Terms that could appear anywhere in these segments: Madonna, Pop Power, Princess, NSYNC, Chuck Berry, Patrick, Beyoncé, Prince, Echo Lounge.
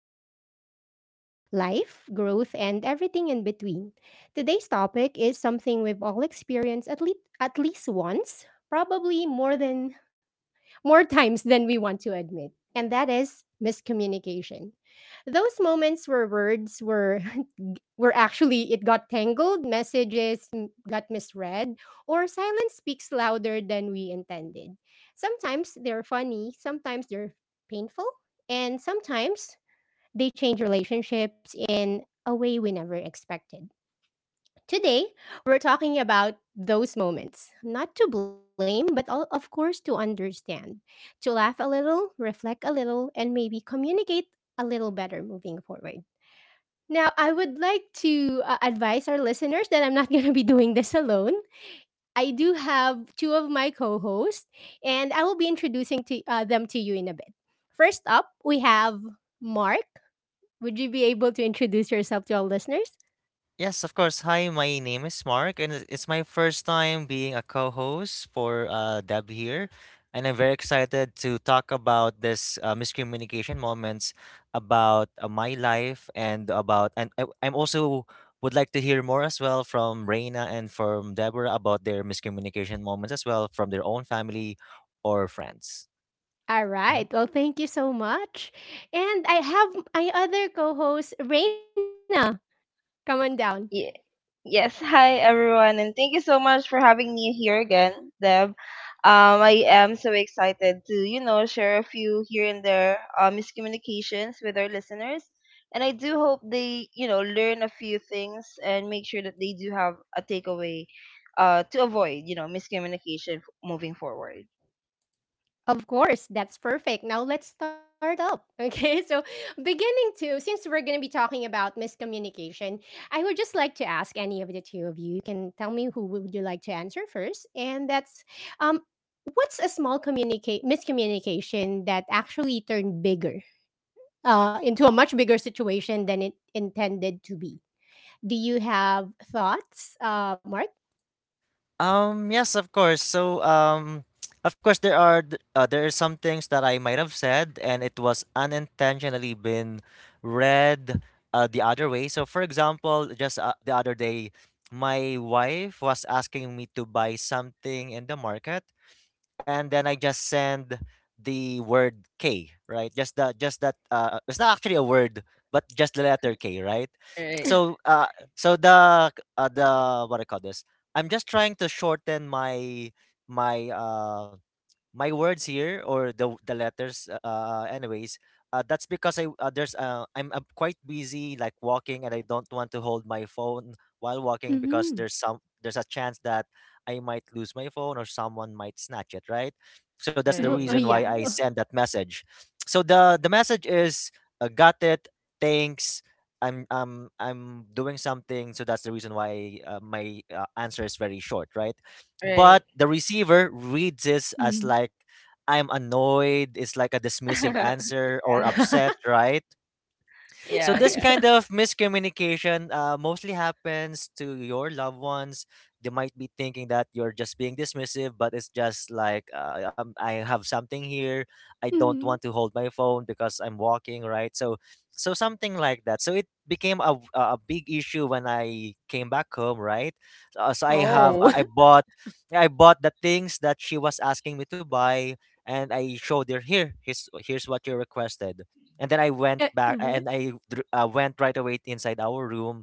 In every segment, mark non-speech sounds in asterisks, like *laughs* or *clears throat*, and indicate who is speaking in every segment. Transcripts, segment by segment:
Speaker 1: conversations about life, growth, and everything in between. Today's topic is something we've all experienced at least once, probably more than more *laughs* times than we want to admit, and that is miscommunication. Those moments where words were *laughs* where actually it got tangled, messages got misread, or silence speaks louder than we intended. Sometimes they're funny, sometimes they're painful, and sometimes they change relationships in a way we never expected. Today, we're talking about those moments, not to blame, but all, of course, to understand, to laugh a little, reflect a little, and maybe communicate a little better moving forward. Now, I would like to advise our listeners that I'm not *laughs* going to be doing this alone. I do have two of my co hosts, and I will be introducing them to you in a bit. First up, we have Mark. Would you be able to introduce yourself to our listeners?
Speaker 2: Yes, of course. Hi, my name is Mark, and it's my first time being a co-host for Deb here, and I'm very excited to talk about this miscommunication moments about my life, and about and I'm also would like to hear more as well from Reina and from Deborah about their miscommunication moments as well from their own family or friends.
Speaker 1: All
Speaker 2: Mm-hmm.
Speaker 1: right. Well, thank you so much. And I have my other co host, Reina. Come on down.
Speaker 3: Ye- Yes, *laughs* hi everyone, and thank you so much for having me here again, Deb. I am so excited to, you know, share a few here and there miscommunications with our listeners, and I do hope they, you know, learn a few things and make sure that they do have a takeaway, to avoid, you know, moving forward.
Speaker 1: Of course, that's perfect. Now let's start up. Okay, *laughs* so since we're going to be talking about miscommunication, I would just like to ask any of the two of you. You can tell me who would you like to answer first. And that's um, what's a small communicate miscommunication that actually turned bigger, into a much bigger situation than it intended to be? Do you have thoughts, Mark?
Speaker 2: Yes, of course. So, *tsk* of course, there are there are some things that I might have said, and it was unintentionally been read the other way. So, for example, just the other day, my wife was asking me to buy something in the market, and then I just send the word K, right? Just the just that it's not actually a word, but just the letter K, right?
Speaker 3: Right,
Speaker 2: So uh so the what I call this. I'm just trying to shorten my my uh words here, or the letters, anyways, that's because I'm quite busy, like walking, and I don't want to hold my phone while walking because
Speaker 1: *laughs*
Speaker 2: there's a chance that I might lose my phone or someone might snatch it, right? So that's
Speaker 1: Mm-hmm.
Speaker 2: the
Speaker 1: Oh,
Speaker 3: right,
Speaker 2: reason
Speaker 1: yeah.
Speaker 2: why I send that message. So the message is, got it, thanks, I'm doing something. So that's the reason why my answer is very short, right? But
Speaker 3: right,
Speaker 2: the receiver reads this
Speaker 1: Mm-hmm.
Speaker 2: as like I'm annoyed. It's like a dismissive
Speaker 3: *laughs*
Speaker 2: answer, or upset, right? So
Speaker 3: yeah,
Speaker 1: *laughs*
Speaker 2: this
Speaker 3: yeah.
Speaker 1: Yeah.
Speaker 2: kind of miscommunication mostly happens to your loved ones. They might be thinking that you're just being dismissive, but it's just like I have something here. I don't
Speaker 1: Mm-hmm.
Speaker 2: want to hold my phone because I'm walking, right? So, something like that. So it became a big issue when I came back home, right? So I have
Speaker 1: Oh.
Speaker 3: Right,
Speaker 2: I bought the things that she was asking me to buy, and I showed her. Here. Here's what you requested, and then I went
Speaker 1: Eh,
Speaker 2: back
Speaker 1: uh-huh.
Speaker 2: and I went right away inside our room.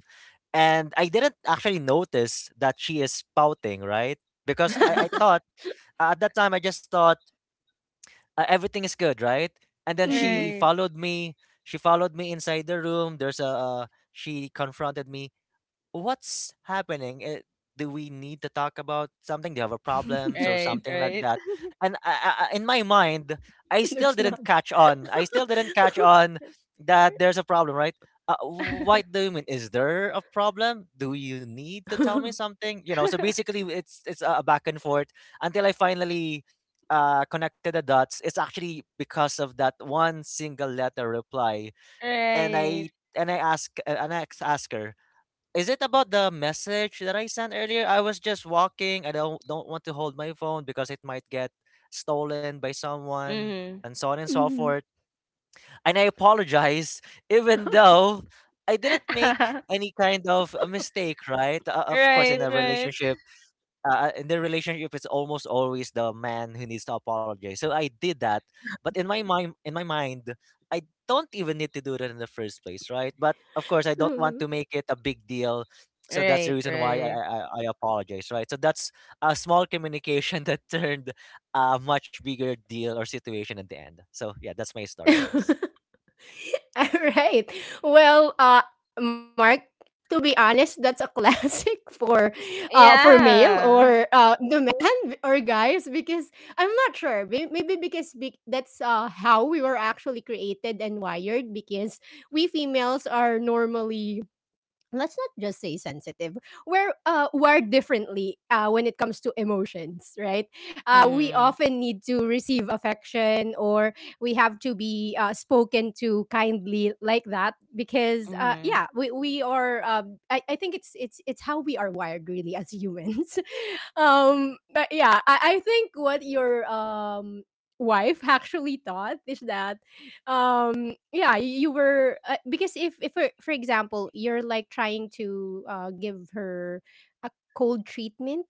Speaker 2: And I didn't actually notice that she is pouting, right? Because I
Speaker 3: *laughs*
Speaker 1: *laughs*
Speaker 2: thought, at that time, I just thought everything is good, right? And then she
Speaker 1: Mhm.
Speaker 3: right,
Speaker 2: followed me. She followed me inside the room. She confronted me. What's happening? Do we need to talk about something? Do you have a problem? So
Speaker 3: right,
Speaker 2: something like
Speaker 3: right.
Speaker 2: that. And in my mind, I still
Speaker 1: There's
Speaker 2: didn't
Speaker 1: none.
Speaker 2: catch on. I still didn't catch on that
Speaker 3: *laughs*
Speaker 2: there's a problem, right? Uh, what do
Speaker 3: *laughs*
Speaker 2: you mean? Is there a problem? Do you need to tell
Speaker 1: *laughs*
Speaker 2: me something? You know. So basically, it's a back and forth until I finally connected the dots. It's actually because of that one single letter reply, and
Speaker 3: Right.
Speaker 2: I ask her. Is it about the message that I sent earlier? I was just walking. I don't want to hold my phone because it might get stolen by someone
Speaker 3: Mhm.
Speaker 2: and so on and so forth.
Speaker 1: Mhm.
Speaker 2: And I apologize, *laughs* even though I didn't make
Speaker 3: *laughs*
Speaker 2: any kind of a mistake, right? Of course in
Speaker 3: Right,
Speaker 2: a
Speaker 3: right.
Speaker 2: relationship In the relationship, it's almost always the man who needs to apologize, so I did that. But in my mind, I don't even need to do that in the first place, right? But of course I don't want to
Speaker 1: Mhm.
Speaker 2: make it a big deal, so that's the
Speaker 3: Right,
Speaker 2: reason why i
Speaker 3: right.
Speaker 2: i, I I apologize, right? So that's a small communication *laughs* that turned a much bigger deal or situation at the end. So yeah, that's my story, guys.
Speaker 1: Alright. *laughs* Well, Mark, to be honest, that's a classic *laughs* for male
Speaker 3: Yeah.
Speaker 1: or, the man *laughs* or guys because I'm not sure. Maybe because that's, how we were actually created and wired, because we females are normally, let's not just say sensitive, we're, uh, wired differently, uh, when it comes to emotions, right? Uh, we
Speaker 3: Mhm.
Speaker 1: often need to receive affection, or we have to be, spoken to kindly like that, because, uh,
Speaker 3: Mhm.
Speaker 1: yeah, we are, um, I think it's it's how we are wired really as humans. *laughs* Um, but yeah, I think what your, um, wife actually thought is that, um, yeah, you were, because if for example you're like trying to, uh, give her a cold treatment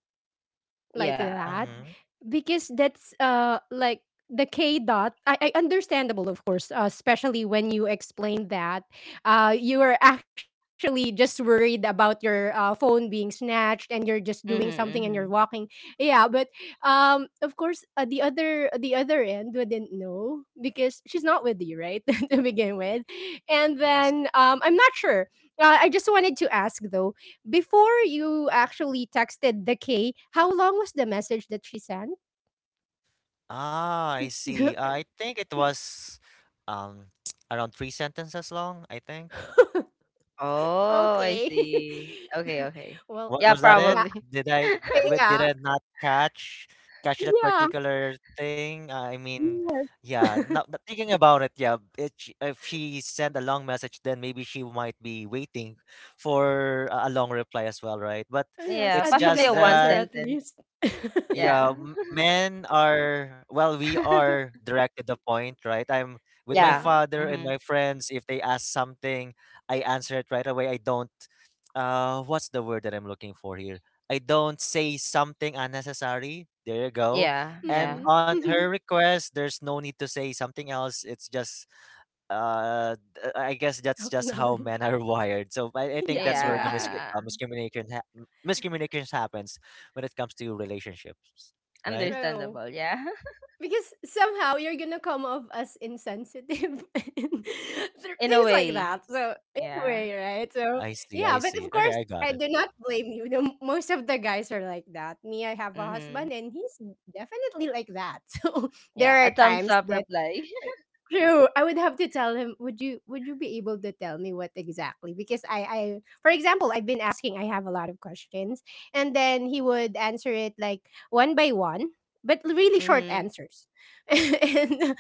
Speaker 1: like
Speaker 3: Yeah.
Speaker 1: that,
Speaker 2: Mm-hmm.
Speaker 1: because that's, uh, like the K dot. I understandable, of course, especially when you explain that, uh, you are actually just worried about your, phone being snatched and you're just doing something
Speaker 3: Mhm,
Speaker 1: and you're
Speaker 3: mhm.
Speaker 1: walking. Yeah, but, um, of course, the other end wouldn't know because she's not with you, right? *laughs* To begin with. And
Speaker 2: Yes.
Speaker 1: then, um, I'm not sure. Uh, I just wanted to ask though, before you actually texted the K, how long was the message that she sent?
Speaker 2: Ah, I see.
Speaker 1: *laughs*
Speaker 2: I think it was um *tsk* around three sentences long, I think.
Speaker 3: Oh, I
Speaker 1: Okay.
Speaker 3: see. Okay,
Speaker 1: *laughs*
Speaker 3: okay.
Speaker 1: Well,
Speaker 2: What
Speaker 3: Yeah,
Speaker 2: was that it?
Speaker 1: yeah,
Speaker 3: probably.
Speaker 2: Did
Speaker 3: *laughs*
Speaker 1: yeah,
Speaker 2: I not catch that
Speaker 1: yeah,
Speaker 2: particular thing? I mean, yeah,
Speaker 1: yes.
Speaker 2: not
Speaker 1: *laughs*
Speaker 2: thinking about it, yeah. If she sent a long message, then maybe she might be waiting for a long reply as well, right? But
Speaker 1: Yes,
Speaker 3: Yeah,
Speaker 2: it's
Speaker 1: a
Speaker 3: possibly
Speaker 2: just
Speaker 3: a
Speaker 1: detailed
Speaker 3: one
Speaker 1: answer
Speaker 2: that.
Speaker 1: at
Speaker 3: sentence.
Speaker 1: least.
Speaker 2: Yeah,
Speaker 3: Yeah.
Speaker 2: men are, well, we are
Speaker 3: *laughs*
Speaker 2: direct to the point, right? I'm with my
Speaker 3: Yeah.
Speaker 1: Yeah.
Speaker 2: father and
Speaker 3: Mhm.
Speaker 2: my friends. If they ask something, I answer it right away. I don't, what's the word that I'm looking for here? I don't say something unnecessary. There you go.
Speaker 3: Yeah,
Speaker 2: And
Speaker 3: yeah.
Speaker 1: Mm-mm.
Speaker 2: on her
Speaker 1: *laughs*
Speaker 2: request, there's no need to say something else. It's just I guess that's just how men
Speaker 1: Acknowledge.
Speaker 2: are *laughs* wired. So
Speaker 1: *laughs*
Speaker 2: I think
Speaker 1: Yeah,
Speaker 2: that's
Speaker 1: they
Speaker 2: where the
Speaker 1: are.
Speaker 3: Yeah.
Speaker 2: miscommunication happens when it comes to relationships, right?
Speaker 1: True.
Speaker 3: Understandable, yeah. *laughs*
Speaker 1: Because somehow you're gonna come off as insensitive *laughs* and
Speaker 3: In a
Speaker 1: things like
Speaker 3: way.
Speaker 1: that, so
Speaker 3: Yeah.
Speaker 1: anyway, right. So
Speaker 2: I see,
Speaker 1: yeah,
Speaker 2: I
Speaker 1: but of
Speaker 2: see. Okay,
Speaker 1: course,
Speaker 2: I got
Speaker 1: I
Speaker 2: it.
Speaker 1: do not blame you. The, most of the guys are like that. Me, I have a
Speaker 3: Mhm.
Speaker 1: husband and he's definitely like that. *laughs* So there
Speaker 3: Yeah, a
Speaker 1: are
Speaker 3: thumbs
Speaker 1: times
Speaker 3: up
Speaker 1: that,
Speaker 3: reply.
Speaker 1: true. I would have to tell him, would you be able to tell me what exactly? Because I for example, I've been asking, I have a lot of questions, and then he would answer it like one by one, but really short
Speaker 3: Mm-hmm.
Speaker 1: answers. *laughs* and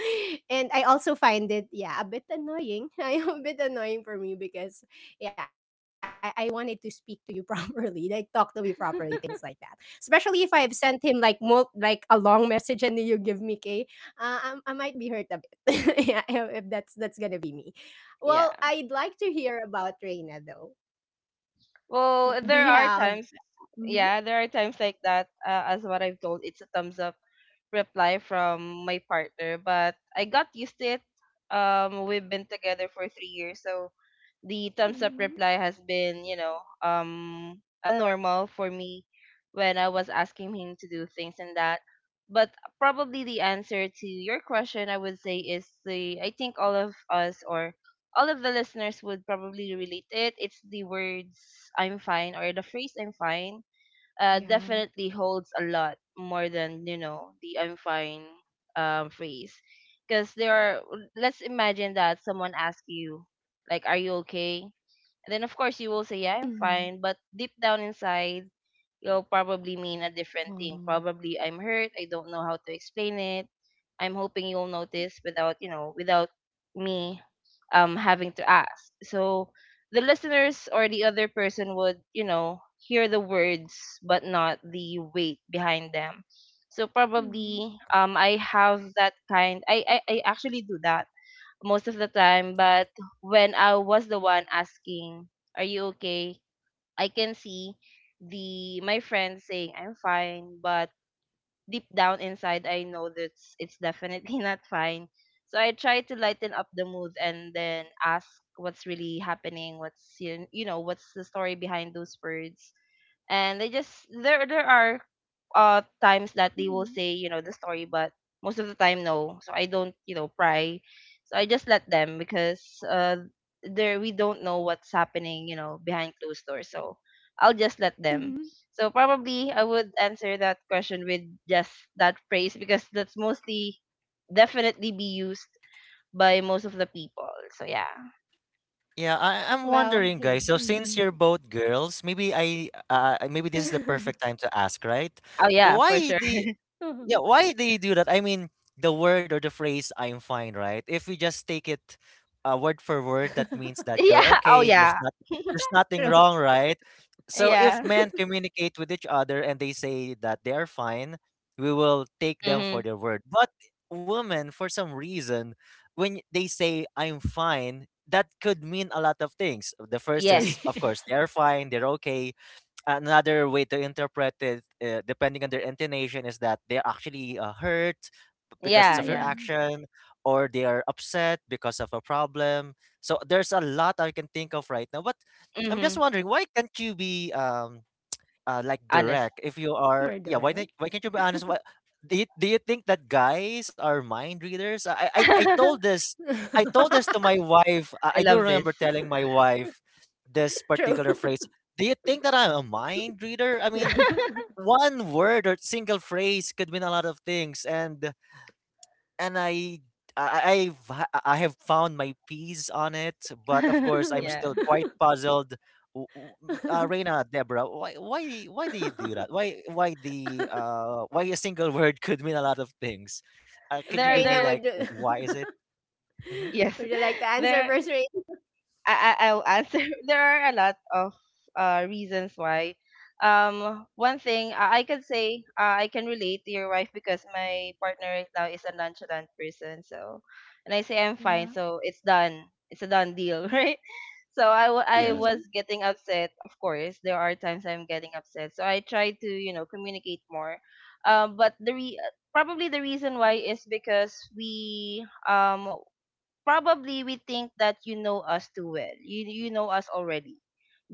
Speaker 1: and I also find it, yeah, a bit annoying. *laughs* I a bit annoying for me because yeah, I wanted to speak to you *laughs* properly, like talk to me properly, things like that. Especially if I've sent him like like a long message and then you give me K, I might be hurt a *laughs* yeah, if that's gonna be me. Well,
Speaker 3: Yeah.
Speaker 1: I'd like to hear about Reina though.
Speaker 3: Well,
Speaker 1: Do
Speaker 3: there
Speaker 1: you
Speaker 3: are
Speaker 1: have?
Speaker 3: times,
Speaker 1: Mhm.
Speaker 3: yeah, there are times like that. As what I've told, it's a thumbs up reply from my partner, but I got used to it. We've been together for 3 years, so the thumbs up
Speaker 1: Mm-hmm.
Speaker 3: reply has been, you know, a normal for me when I was asking him to do things and that. But probably the answer to your question, I would say, is the I think all of us or all of the listeners would probably relate it. It's the words "I'm fine," or the phrase "I'm fine,"
Speaker 1: Yeah.
Speaker 3: definitely holds a lot more than you know the I'm fine phrase. Because there are, let's imagine that someone asks you, like, "Are you okay?" And then of course you will say, "Yeah, I'm
Speaker 1: Mm-hmm.
Speaker 3: fine," but deep down inside, will probably mean a different thing.
Speaker 1: Wow.
Speaker 3: Probably I'm hurt. I don't know how to explain it. I'm hoping you'll notice without, you know, without me having to ask. So the listeners or the other person would, you know, hear the words but not the weight behind them. So
Speaker 1: Mm-hmm.
Speaker 3: probably I have that kind. I actually do that most of the time, but when I was the one asking, are you okay? I can see the my friends saying I'm fine, but deep down inside I know that it's definitely *laughs* not fine. So I try to lighten up the mood and then ask what's really happening, what's you you know, what's the story behind those words, and they just there are times that they will
Speaker 1: Mm-hmm.
Speaker 3: say you know the story, but most of the time no, so I don't, you know, pry. So I just let them, because there we don't know what's happening, you know, behind closed doors. So
Speaker 1: Mm-hmm.
Speaker 3: I'll just let them. So probably I would answer that question with just that phrase, because that's mostly definitely be used by most of the people, so yeah.
Speaker 2: Yeah, I'm
Speaker 1: Well,
Speaker 2: wondering, guys.
Speaker 1: hey.
Speaker 2: So since you're
Speaker 1: Mm-hmm.
Speaker 2: both girls, maybe I maybe this is the perfect time to ask, right?
Speaker 3: Oh yeah, for
Speaker 2: Why
Speaker 3: sure.
Speaker 2: do Yeah, why do you do that? I mean, the word or the phrase "I'm fine," right? If we just take it word for word, that means
Speaker 3: *laughs*
Speaker 1: *laughs*
Speaker 2: that you're
Speaker 3: Yeah, oh
Speaker 2: okay.
Speaker 3: yeah.
Speaker 2: There's nothing
Speaker 1: True.
Speaker 2: wrong,
Speaker 1: *laughs*
Speaker 2: right?
Speaker 3: *laughs*
Speaker 2: So if
Speaker 3: Yeah.
Speaker 2: men communicate with each other and they say that they are fine, we will take them for
Speaker 3: Hmm.
Speaker 2: their word. But women, for some reason, when they say "I'm fine," that could mean a lot of things. The first
Speaker 3: Yes.
Speaker 2: is, of course,
Speaker 1: Yes.
Speaker 2: they're fine, they're okay. Another way to interpret it, depending on their intonation, is that they're actually hurt, b- because of
Speaker 3: Yeah,
Speaker 2: your
Speaker 3: yeah.
Speaker 1: Mm.
Speaker 2: action, or they are upset because of a problem. So there's a lot I can think of right now. But I'm just
Speaker 3: Mhm.
Speaker 2: wondering, why can't you be like,
Speaker 3: Honest.
Speaker 2: direct? If
Speaker 1: More
Speaker 2: you are,
Speaker 1: direct.
Speaker 2: yeah, why not? Why can't you be honest? Why, do you think that guys are mind readers? I told
Speaker 3: *laughs*
Speaker 2: this, I told this
Speaker 1: *laughs*
Speaker 2: to my wife.
Speaker 3: I
Speaker 2: I do
Speaker 3: love
Speaker 2: remember
Speaker 3: this.
Speaker 2: telling my wife this
Speaker 1: True.
Speaker 2: particular phrase. Do you think that I'm a mind reader? I mean,
Speaker 1: *laughs*
Speaker 2: one word or single phrase could mean a lot of things, and and I I- I have found my peace on it, but of
Speaker 3: *laughs*
Speaker 2: course I'm
Speaker 3: Yeah.
Speaker 2: still quite puzzled. Reina, Deborah, why do you do that? Why a single *laughs* word could mean a lot of things? Could you
Speaker 3: There
Speaker 2: give me, like,
Speaker 1: Reina,
Speaker 3: there
Speaker 1: would you,
Speaker 2: why is it?
Speaker 1: *laughs*
Speaker 2: Mm-hmm.
Speaker 3: yes.
Speaker 1: would you
Speaker 3: *laughs*
Speaker 1: like to
Speaker 3: There
Speaker 1: answer first, Reina?
Speaker 3: I, I I'll answer. *laughs* There are a lot of reasons why. One thing I can say, I can relate to your wife because my partner right now is a nonchalant person. So, and I say I'm
Speaker 1: Yeah.
Speaker 3: fine, so it's done. It's a done deal, *laughs* right? So I
Speaker 2: Yes.
Speaker 3: was
Speaker 1: *laughs*
Speaker 3: getting upset. Of course, there are times I'm getting upset. So I try to you know communicate more. Um, but the re- Probably the reason why is because we probably we think that you know us too well. You know us already,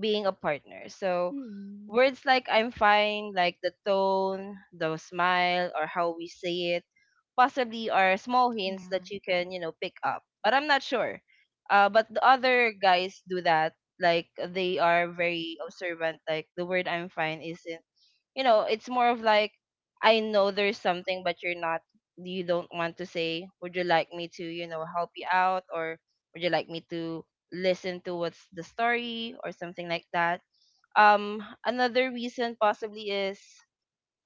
Speaker 3: being a partner. So
Speaker 1: Mm,
Speaker 3: words like I'm fine, like the tone, the smile, or how we say it, possibly are small hints
Speaker 1: yeah.
Speaker 3: that you can you know pick up. But I'm not sure. But the other guys do that. Like they are very observant. Like the word I'm fine isn't you know, it's more of like I know there's something but you're not, you don't want to say, would you like me to you know help you out, or would you like me to listen to what's the story or something like that. Another reason possibly is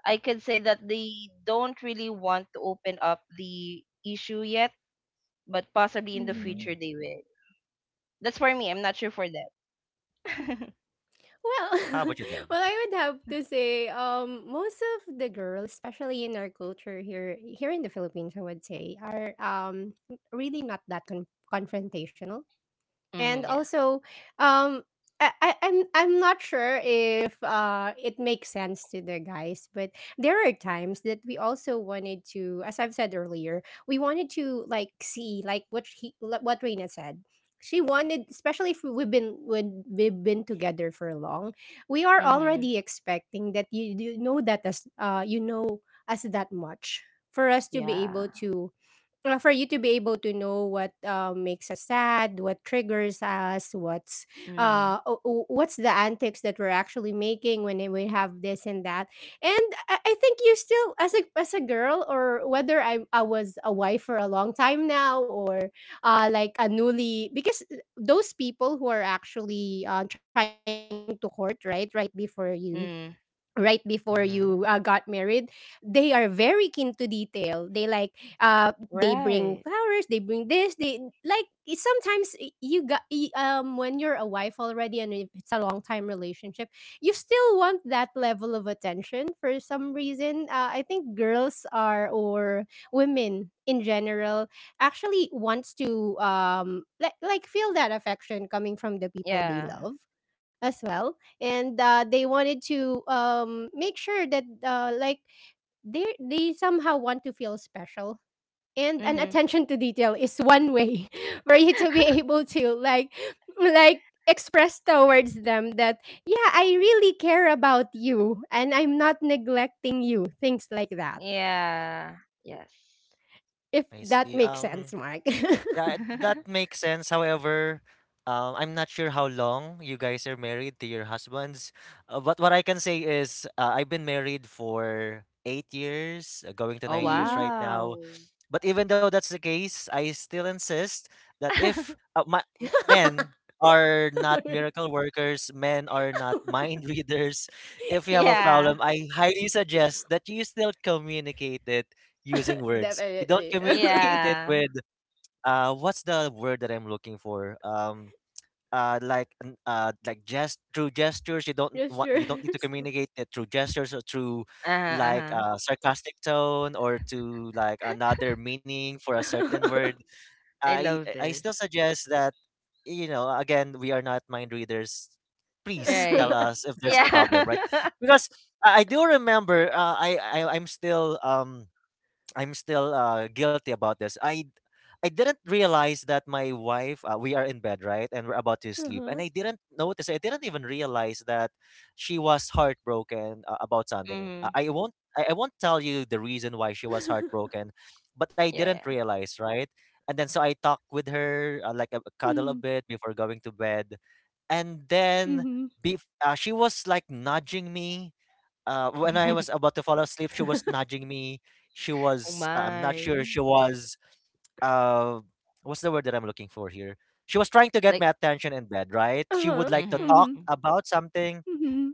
Speaker 3: I could say that they don't really want to open up the issue yet, but possibly in the
Speaker 1: Mhm.
Speaker 3: future
Speaker 2: Mm.
Speaker 3: they will. That's for me, I'm not sure for them.
Speaker 1: Well,
Speaker 2: How
Speaker 1: *laughs*
Speaker 2: about you,
Speaker 1: well,
Speaker 2: Deb?
Speaker 1: I would have to say, most of the girls, especially in our culture here, here in the Philippines, I would say, are, um, really not that confrontational. And
Speaker 3: Mm-hmm, yeah.
Speaker 1: also, um, I'm not sure if, it makes sense to the guys, but there are times that we also wanted to, as I've said earlier, we wanted to like see like what he, like what Reina said. She wanted, especially if we've been when we've been together for long, we are
Speaker 3: Mm-hmm,
Speaker 1: already expecting that you know that as, uh, you know us that much for us to be
Speaker 3: yeah.
Speaker 1: able to, for you to be able to know what, makes us sad, what triggers us, what's,
Speaker 3: Mm-hmm,
Speaker 1: what's the antics that we're actually making when we have this and that. And I think you still, as a girl, or whether I was a wife for a long time now, or, like a newly, because, those people who are actually, trying to court right before you
Speaker 3: mm-hmm.
Speaker 2: Mm-hmm.
Speaker 1: got married, they are very keen to detail. They like, uh, they bring
Speaker 3: Right.
Speaker 1: flowers, they bring this, they like, sometimes um, when you're a wife already and if it's a long time relationship, you still want that level of attention. For some reason, I think girls are, or women in general, actually wants to, um, like feel that affection coming from the people they
Speaker 3: Yeah.
Speaker 1: love as well. And, they wanted to, make sure that, like, they somehow want to feel special, and an
Speaker 3: Mm-hmm.
Speaker 1: attention to detail is one way *laughs* for you to be able to like express towards them that yeah, I really care about you and I'm not neglecting you, things like that,
Speaker 3: Yeah. Yes.
Speaker 1: if
Speaker 2: I see.
Speaker 1: that makes sense, Mark.
Speaker 2: Yeah,
Speaker 1: *laughs*
Speaker 2: that
Speaker 3: *laughs*
Speaker 2: makes sense. However, I'm not sure how long you guys are married to your husbands. But what I can say is, I've been married for 8 years, going to
Speaker 3: Oh,
Speaker 2: 9 years
Speaker 1: Mhm.
Speaker 2: right now.
Speaker 3: wow.
Speaker 2: But even though that's the case, I still insist that if
Speaker 3: *laughs*
Speaker 2: men
Speaker 1: *laughs*
Speaker 2: are not miracle workers, men are not *laughs* mind readers. If you have a
Speaker 3: Yeah.
Speaker 2: problem, I highly suggest that you still communicate it using words. You don't
Speaker 1: Definitely.
Speaker 2: communicate
Speaker 1: *laughs*
Speaker 2: it with,
Speaker 3: Yeah.
Speaker 2: what's the word that I'm looking for? Like like gest through gestures. You don't want, you don't need to
Speaker 1: Gestures.
Speaker 2: communicate it through gestures, or through
Speaker 3: Uh-huh,
Speaker 2: like
Speaker 3: uh-huh.
Speaker 2: a sarcastic tone, or to like another meaning for a certain word.
Speaker 1: *laughs*
Speaker 3: I love
Speaker 2: I still
Speaker 3: this.
Speaker 2: suggest that, you know, again, we are not mind readers. Please tell
Speaker 3: Right.
Speaker 2: us if there's a problem,
Speaker 3: Yeah.
Speaker 2: right?
Speaker 3: *laughs*
Speaker 2: Because I do remember, I'm still guilty about this. I didn't realize that my wife we are in bed, right, and we're about to sleep, and
Speaker 1: Uh-huh.
Speaker 2: I didn't even realize that she was heartbroken about something.
Speaker 3: Mm-hmm.
Speaker 2: I won't, I won't tell you the
Speaker 1: *laughs*
Speaker 2: reason why she was heartbroken, but I
Speaker 3: Yeah,
Speaker 2: didn't
Speaker 3: yeah.
Speaker 2: realize, right. And then so I talked with her,
Speaker 1: Mhm,
Speaker 2: like, cuddle a bit before going to bed, and
Speaker 1: mhm.
Speaker 2: then be, she was like nudging me. When I was about to fall asleep, she was nudging me. She
Speaker 3: *laughs* Oh,
Speaker 2: was, I'm not sure,
Speaker 3: my.
Speaker 2: she was, uh, what's the word that I'm looking for here? She was trying to get
Speaker 3: Like,
Speaker 2: my attention in bed, right? She would
Speaker 1: Uh-huh.
Speaker 2: like to talk
Speaker 1: Mhm,
Speaker 3: mm-hmm.
Speaker 2: about something.
Speaker 1: mhm.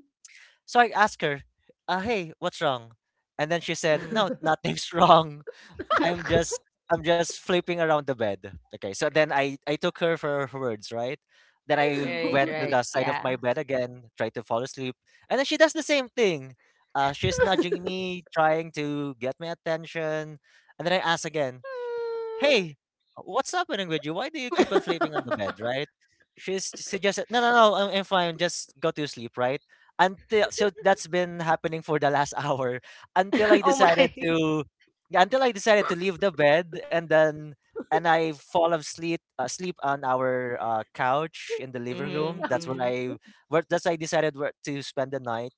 Speaker 2: So I asked her, hey, what's wrong? And then she said,
Speaker 3: Mm.
Speaker 2: no, nothing's *laughs* wrong. I'm just
Speaker 3: *laughs*
Speaker 2: I'm just flipping around the bed. Okay, so then I took her for her words, right? Then I
Speaker 3: Right,
Speaker 2: went to
Speaker 3: right.
Speaker 2: the side of
Speaker 3: Yeah.
Speaker 2: my
Speaker 3: *laughs*
Speaker 2: bed again, tried to fall asleep, and then she does the same thing. She's nudging me, trying to get my attention, and then I ask again, "Hey, what's happening with you? Why do you keep on sleeping on the bed,
Speaker 1: *laughs*
Speaker 2: right?" She's suggested, "No, no, no, I'm fine. Just go to sleep, right?" Until that's been happening for the last *laughs* hour until
Speaker 3: Mm.
Speaker 2: I
Speaker 3: Oh
Speaker 2: decided
Speaker 3: my.
Speaker 2: to yeah, until I decided to leave the bed, and I fall asleep sleep on our couch in the
Speaker 3: *laughs*
Speaker 2: living room. That's where
Speaker 3: Mm-hmm. Mm.
Speaker 2: I where that's I decided where to spend the night.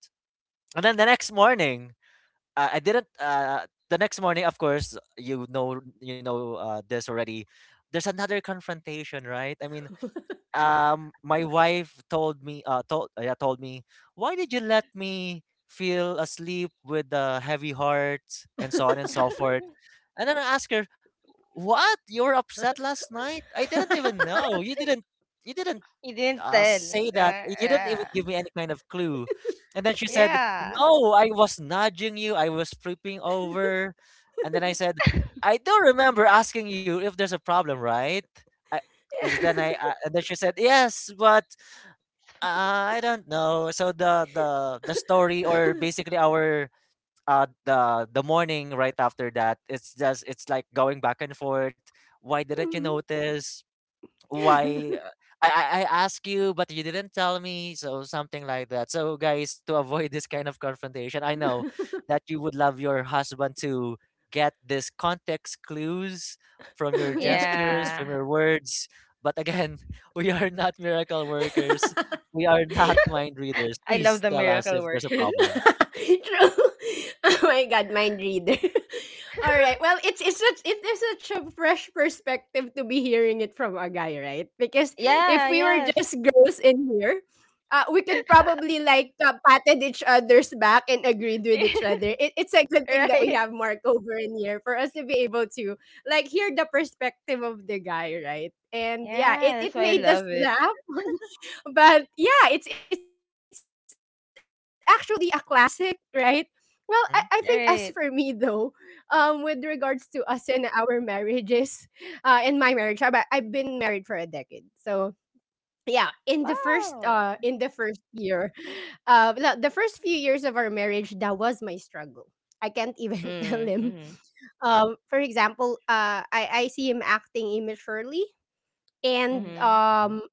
Speaker 2: And then the next morning, I didn't. The next morning, of course, this already. There's another confrontation, right? My wife told me, told me, why did you let me feel asleep with a heavy heart and so on and so forth?
Speaker 3: *laughs*
Speaker 2: And then I asked her, what? You were upset last night? I didn't even know. You didn't
Speaker 3: You didn't tell.
Speaker 2: say that.
Speaker 3: Yeah.
Speaker 2: You didn't even
Speaker 3: Yeah.
Speaker 2: give me any kind of clue. And then she said,
Speaker 3: Yeah.
Speaker 2: no, I was nudging you. I was flipping over. And then I said, I do remember asking you if there's a problem, right? I, is- then I, and then she said, yes, but I don't know. So the story, or basically our. The morning right after that, it's just it's like going back and forth. Why didn't you
Speaker 1: *laughs*
Speaker 2: notice?
Speaker 1: Mhm.
Speaker 2: Why
Speaker 1: *laughs*
Speaker 2: I asked you but you didn't tell me, so something like that. So guys, to avoid this kind of confrontation, I know that you would love your husband to get this context clues from your
Speaker 3: *laughs*
Speaker 1: Yeah.
Speaker 2: gestures, from
Speaker 3: Yeah.
Speaker 2: your words, but again, *laughs* we are not miracle workers, we
Speaker 1: *laughs*
Speaker 2: are not mind readers,
Speaker 3: I love
Speaker 2: please
Speaker 3: the
Speaker 2: tell us
Speaker 3: miracle
Speaker 2: if there's a
Speaker 3: workers.
Speaker 2: problem.
Speaker 1: *laughs* True. *laughs* Oh my god, mind reader. *laughs* All right.
Speaker 3: *laughs*
Speaker 1: Well, it's such it is such a fresh perspective to be hearing it from a guy, right? Because if
Speaker 3: Yeah,
Speaker 1: we were
Speaker 3: yes.
Speaker 1: just girls in here, we could probably like, patted each other's back and agreed with each other. It, it's a good
Speaker 3: *laughs*
Speaker 1: thing that we
Speaker 3: Right?
Speaker 1: have Mark over in here for us to be able to like hear the perspective of the guy, right? And yeah,
Speaker 3: Yeah,
Speaker 1: it,
Speaker 3: that's
Speaker 1: it
Speaker 3: why I
Speaker 1: made
Speaker 3: love
Speaker 1: us
Speaker 3: it.
Speaker 1: laugh. *laughs* But yeah, it's actually a classic, right? Well, I think as for me though,
Speaker 2: Yeah.
Speaker 3: Right.
Speaker 1: with regards to us and our marriages, in my marriage, I, I've been married for a decade, so yeah, in
Speaker 3: Wow.
Speaker 1: the first year, the first few years of our marriage, that was my struggle. I can't even *laughs* tell
Speaker 3: Mm,
Speaker 1: him.
Speaker 3: mm-hmm.
Speaker 1: For example, I see him acting immaturely, and
Speaker 3: Mm-hmm.
Speaker 2: hmm
Speaker 1: um,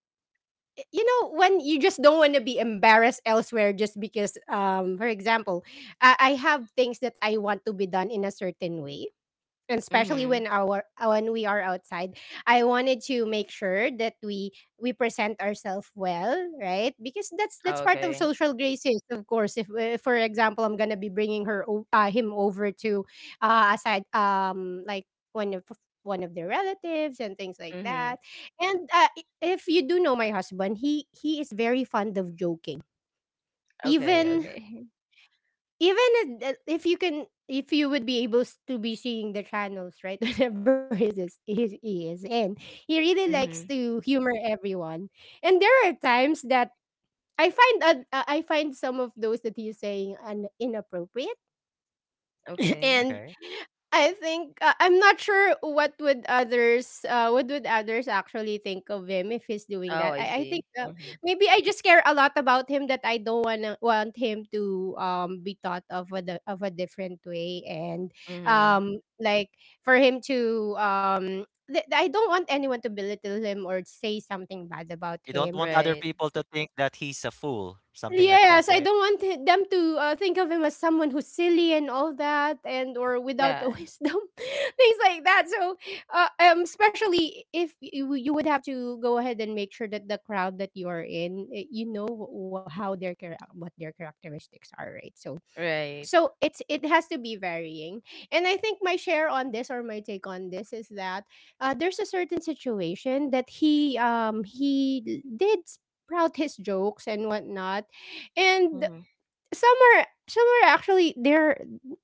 Speaker 1: you know when you just don't want to be embarrassed elsewhere, just because, um, for example, I have things that I want to be done in a certain way, and especially
Speaker 3: Mm-hmm.
Speaker 1: when our when we are outside, I wanted to make sure that we present ourselves well, right? Because
Speaker 3: Oh,
Speaker 1: that's part of
Speaker 3: okay.
Speaker 1: social graces, of course. If, for example, I'm gonna be bringing him over to, uh, aside, um, like one of one of their relatives and things like that.
Speaker 3: Mm-hmm.
Speaker 1: And, if you do know my husband, he is very fond of joking,
Speaker 3: Okay,
Speaker 1: even,
Speaker 2: hmm
Speaker 3: okay. *laughs*
Speaker 1: even if, if you can, if you would be able to be seeing the channels, right? *laughs* Whenever he is in, he really likes
Speaker 3: Mm-hmm.
Speaker 1: to humor everyone. And there are times that I find I find some of those that he's saying inappropriate. *clears throat*
Speaker 3: Okay.
Speaker 1: And
Speaker 2: okay,
Speaker 1: I think, I'm not sure what would others, what would others actually think of him if he's doing
Speaker 3: Oh,
Speaker 1: that.
Speaker 3: I
Speaker 1: I think
Speaker 3: see. Mm-hmm.
Speaker 1: Maybe I just care a lot about him that I don't want him to be thought of of a different way. And
Speaker 3: Mm-hmm.
Speaker 1: um like for I don't want anyone to belittle him or say something bad about
Speaker 2: you don't
Speaker 1: him.
Speaker 2: want other
Speaker 3: Right.
Speaker 2: people to think that he's a fool, something like that,
Speaker 1: Yes, I
Speaker 2: right?
Speaker 1: don't want them to think of him as someone who's silly and all that, and or without the *laughs*
Speaker 3: Yeah.
Speaker 1: wisdom, things like that. So, especially if you would have to go ahead and make sure that the crowd that you are in, you know how their what their characteristics are, right? So,
Speaker 3: Right.
Speaker 1: it has to be varying. And I think my share on this or my take on this is that there's a certain situation that he did sprout his jokes and whatnot. And
Speaker 3: Mm-hmm.
Speaker 1: some are actually there.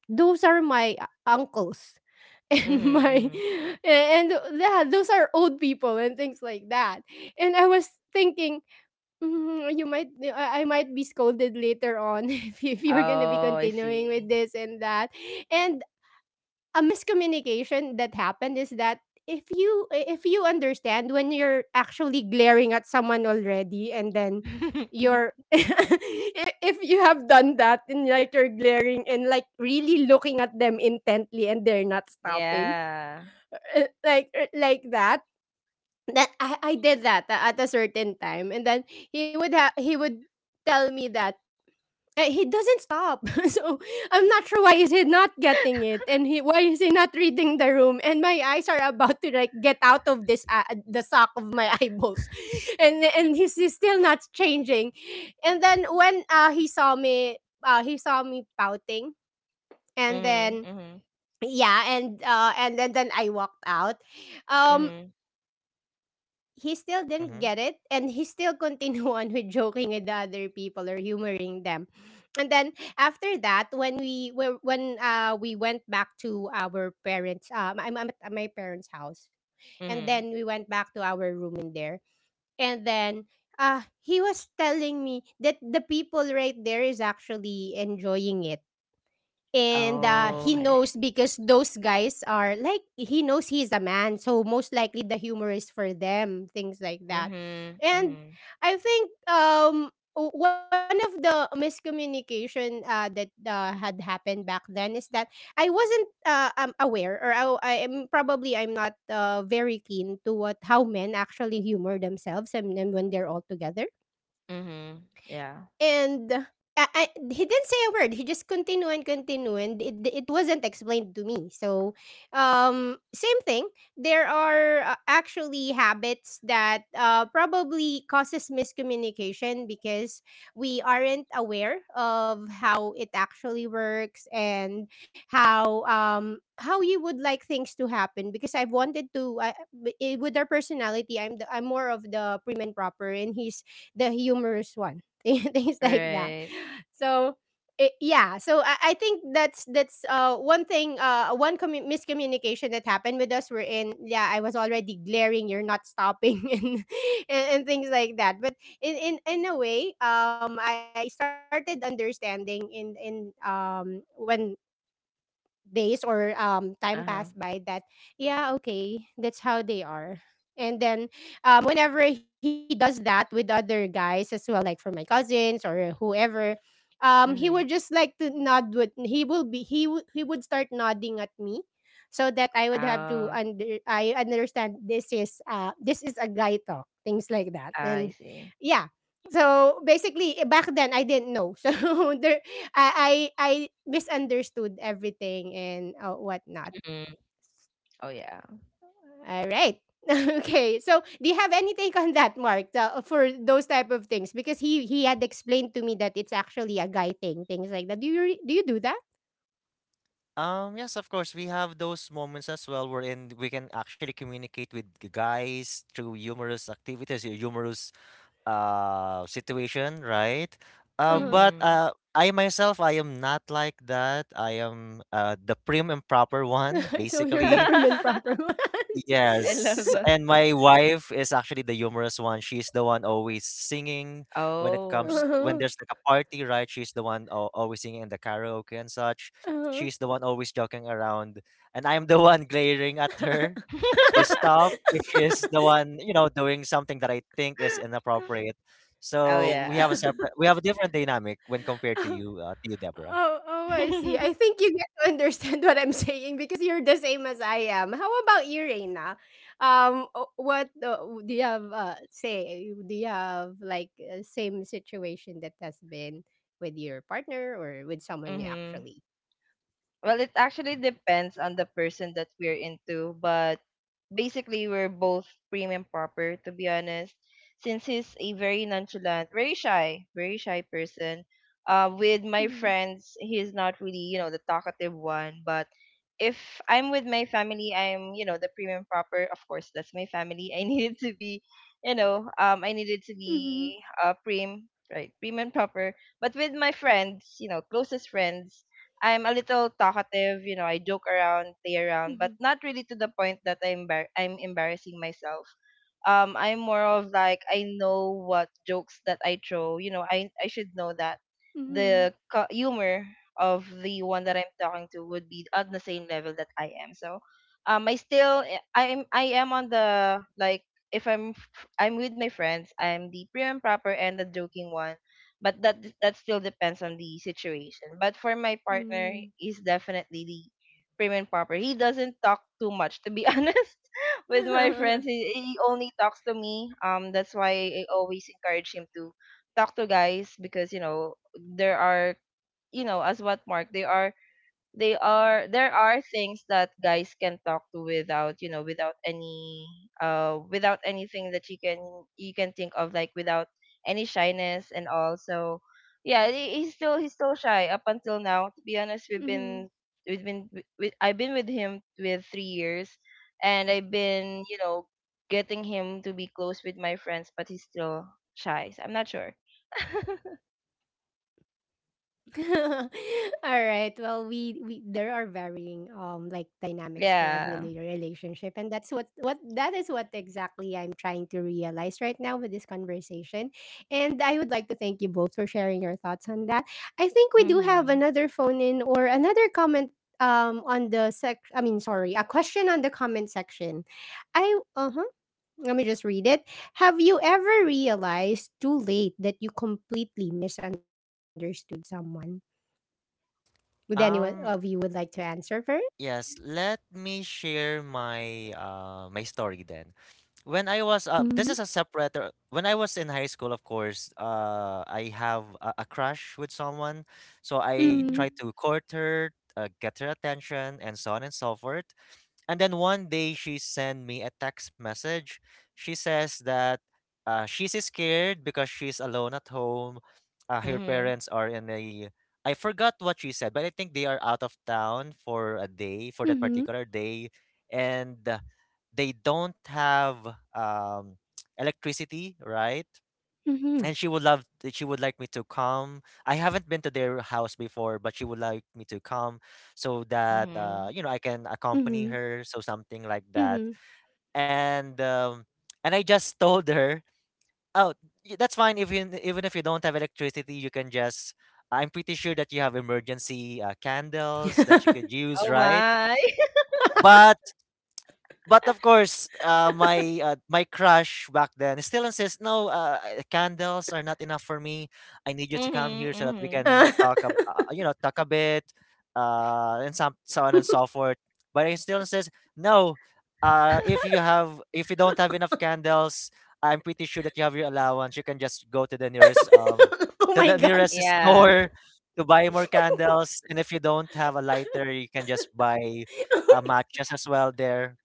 Speaker 1: Those are my uncles *laughs* and
Speaker 3: Mm-hmm.
Speaker 1: my.
Speaker 3: Mm-hmm.
Speaker 1: And yeah, those are old people and things like that. And I was thinking, mhm, you might, I might be scolded later on *laughs* if you're gonna be
Speaker 3: Oh, I
Speaker 1: continuing
Speaker 3: see.
Speaker 1: with this and that. And a miscommunication that happened is that if you understand when you're actually glaring at someone already, and then you're
Speaker 3: *laughs*
Speaker 1: *laughs* if you have done that and like you're glaring and like really looking at them intently and they're not stopping,
Speaker 3: Yeah.
Speaker 1: like that. That I did that at a certain time, and then he would tell me that, he doesn't stop. *laughs* So I'm not sure why is he not getting it, and he why is he not reading the room, and my eyes are about to like get out of this the sock of my *laughs* eyeballs. And he's still not changing. And then when uh, he saw me pouting, and
Speaker 3: Mm-hmm.
Speaker 1: then
Speaker 3: Mm-hmm.
Speaker 1: yeah. And then I walked out. um
Speaker 3: Mm-hmm.
Speaker 1: he still didn't get it, and he still continued *laughs* on with joking with the other people or humoring them. And then after that when we went back to our parents, I'm at my parents house. And
Speaker 3: Mm-hmm.
Speaker 1: then we went back to our room in there. And then he was telling me that the people right there is actually enjoying it. And
Speaker 3: Oh,
Speaker 1: he
Speaker 2: Mm-hmm.
Speaker 3: okay.
Speaker 1: knows because those guys are like, he knows he's a man, so most likely the humor is for them, things like that.
Speaker 3: Mhm,
Speaker 1: And
Speaker 3: mhm,
Speaker 1: I think one of the miscommunication that had happened back then is that I wasn't aware, or I am probably I'm not very keen to what how men actually humor themselves and when they're all together.
Speaker 3: mhm. Yeah.
Speaker 1: And he didn't say a word. He just continued and continued, and it wasn't explained to me. So, same thing. There are actually habits that probably causes miscommunication because we aren't aware of how it actually works, and how you would like things to happen. Because I've wanted to with our personality, I'm the, I'm more of the prim and proper and he's the humorous one, *laughs* things like that.
Speaker 3: Right.
Speaker 1: So yeah, so I think that's one thing, one miscommunication that happened with us. We're in, yeah, I was already glaring, you're not stopping, *laughs* and things like that. But in a way, I started understanding in when days or time
Speaker 3: Uh-huh.
Speaker 1: passed by, that yeah, okay, that's how they are. And then whenever he does that with other guys as well, like for my cousins or whoever, he
Speaker 3: Mhm.
Speaker 1: would just like to nod with, he will be he would start nodding at me, so that I would have to
Speaker 3: Oh,
Speaker 1: under I understand this is a guy talk, things like that. And
Speaker 3: I see.
Speaker 1: yeah, so basically, back then I didn't know. *laughs* So there, I misunderstood everything and whatnot.
Speaker 3: Mhm. Oh yeah.
Speaker 1: All right. *laughs* Okay, so do you have any take on that, Mark, for those type of things? Because he had explained to me that it's actually a guy thing, things like that. Do you do you do that?
Speaker 2: Yes, of course. We have those moments as well wherein we can actually communicate with guys through humorous activities, humorous situation, right? Uh,
Speaker 1: Uh
Speaker 2: but
Speaker 3: Mhm.
Speaker 2: uh, I myself, I am not like that. I am the prim and proper one,
Speaker 1: huh. *laughs* So you're the
Speaker 2: basically.
Speaker 1: prim and proper
Speaker 3: *laughs*
Speaker 1: one.
Speaker 3: I love
Speaker 2: Yes,
Speaker 3: that.
Speaker 2: and my wife is actually the humorous one. She's the one always singing when it
Speaker 1: *laughs*
Speaker 3: Oh.
Speaker 2: comes when
Speaker 1: Uh
Speaker 2: there's like a party, right? She's the one always singing in the karaoke and such.
Speaker 1: huh.
Speaker 2: She's the one always joking around, and I'm the *laughs* one glaring at her to
Speaker 1: Uh
Speaker 3: *laughs*
Speaker 2: stop if she's the one, you know, doing something that I think is inappropriate.
Speaker 3: Oh
Speaker 2: So we have a
Speaker 3: yeah.
Speaker 2: separate, we have a different dynamic when compared to
Speaker 1: huh. *laughs*
Speaker 2: you, Deborah.
Speaker 1: Oh, oh, I see. I
Speaker 3: *laughs*
Speaker 1: think you get to understand *laughs* what I'm saying because you're the same as I am. How about you, Reina? What do you have? Say, do you have like same situation that has been with your partner or with someone you
Speaker 3: Mhm.
Speaker 1: actually?
Speaker 3: Well, it actually depends on the person that we're into, but basically we're both prim and proper, to be honest, since he's a very nonchalant, very shy
Speaker 1: Mm-hmm.
Speaker 3: person. Uh, with my friends he's not really you know the talkative one, but if I'm with my family I'm you know the prim and proper. Of course, that's my family, I *laughs* needed to be, you know, I needed to
Speaker 1: Mm-hmm.
Speaker 3: be prim, right, prim and proper. But with my friends, you know, closest friends, I'm a little talkative, you know, I joke around, play
Speaker 1: Mm-hmm.
Speaker 3: around, but not really to the point that I'm I'm embarrassing myself. I'm more of like I know what jokes that I throw. You know, I should know that
Speaker 1: Mm-hmm.
Speaker 3: the humor of the one that I'm talking to would be at the same level that I am. So I still I'm I am on the like, if I'm with my friends, I'm the prim and proper and the joking one. But that that still depends on the situation. But for my partner, he's definitely the prim and proper, he doesn't talk too much, to be *laughs* honest. With my
Speaker 1: Mm-hmm.
Speaker 3: friends, he only talks to me. That's why I always encourage him to talk to guys, because you know as what Mark, there are things that guys can talk to without you know without any without anything that you can think of like without any shyness and all. So yeah, he's still shy up until now, to be honest. we've been
Speaker 1: *laughs*
Speaker 3: we've been with, I've been with him with 3 years, and I've been you know getting him to be close with my friends, but he's still shy, so I'm not sure. *laughs*
Speaker 1: *laughs* All right. Well, we there are varying like dynamics for every
Speaker 3: Yeah.
Speaker 1: relationship, and that's what that is what exactly I'm trying to realize right now with this conversation. And I would like to thank you both for sharing your thoughts on that. I think we do have
Speaker 3: Mhm.
Speaker 1: another phone in or another comment on the sec. I mean, sorry, a question on the comment section. I, uh huh, let me just read it. Have you ever realized too late that you completely misunderstood someone? Would anyone of you
Speaker 2: Um,
Speaker 1: would like to answer first?
Speaker 2: Yes, let me share my my story then. When I was
Speaker 1: Mm-hmm.
Speaker 2: this is a separate when I was in high school, of course, I have a crush with someone, so I
Speaker 3: Mhm.
Speaker 1: Mm-hmm.
Speaker 2: tried to court her, get her attention and so on and so forth. And then one day she sent me a text message. She says that she's scared because she's alone at home. Her
Speaker 3: Mhm.
Speaker 2: parents are in a I forgot what she said, but I think they are out of town for a day, for that
Speaker 1: Mm-hmm.
Speaker 2: particular day, and they don't have um, *tsk* electricity, right?
Speaker 1: Mm-hmm.
Speaker 2: And she would love she would like me to come. I haven't been to their house before, but she would like me to come so that
Speaker 3: Mhm.
Speaker 2: you know, I can accompany her, so something like
Speaker 1: Mm-hmm.
Speaker 2: that. And and I just *laughs* told her, oh, that's fine if you, even if you don't have electricity, you can just, I'm pretty sure that you have emergency candles
Speaker 1: *laughs*
Speaker 2: that you could use,
Speaker 3: Oh
Speaker 2: right?
Speaker 3: my.
Speaker 2: but but of
Speaker 3: *laughs*
Speaker 2: course, my crush back then still insists, no, candles are not enough for me. I need you to come
Speaker 3: Mhm,
Speaker 2: here so that we
Speaker 3: mhm.
Speaker 2: can
Speaker 1: Oh
Speaker 2: talk, you know, talk a bit, and some so on and so forth. But he still says, no, if you have, if you don't have enough candles, I'm pretty sure that you have your allowance. You can just go to
Speaker 1: my
Speaker 2: the
Speaker 1: god.
Speaker 2: nearest
Speaker 3: Yeah.
Speaker 2: store to buy more candles. And if you don't have a lighter, you can just buy matches as well there.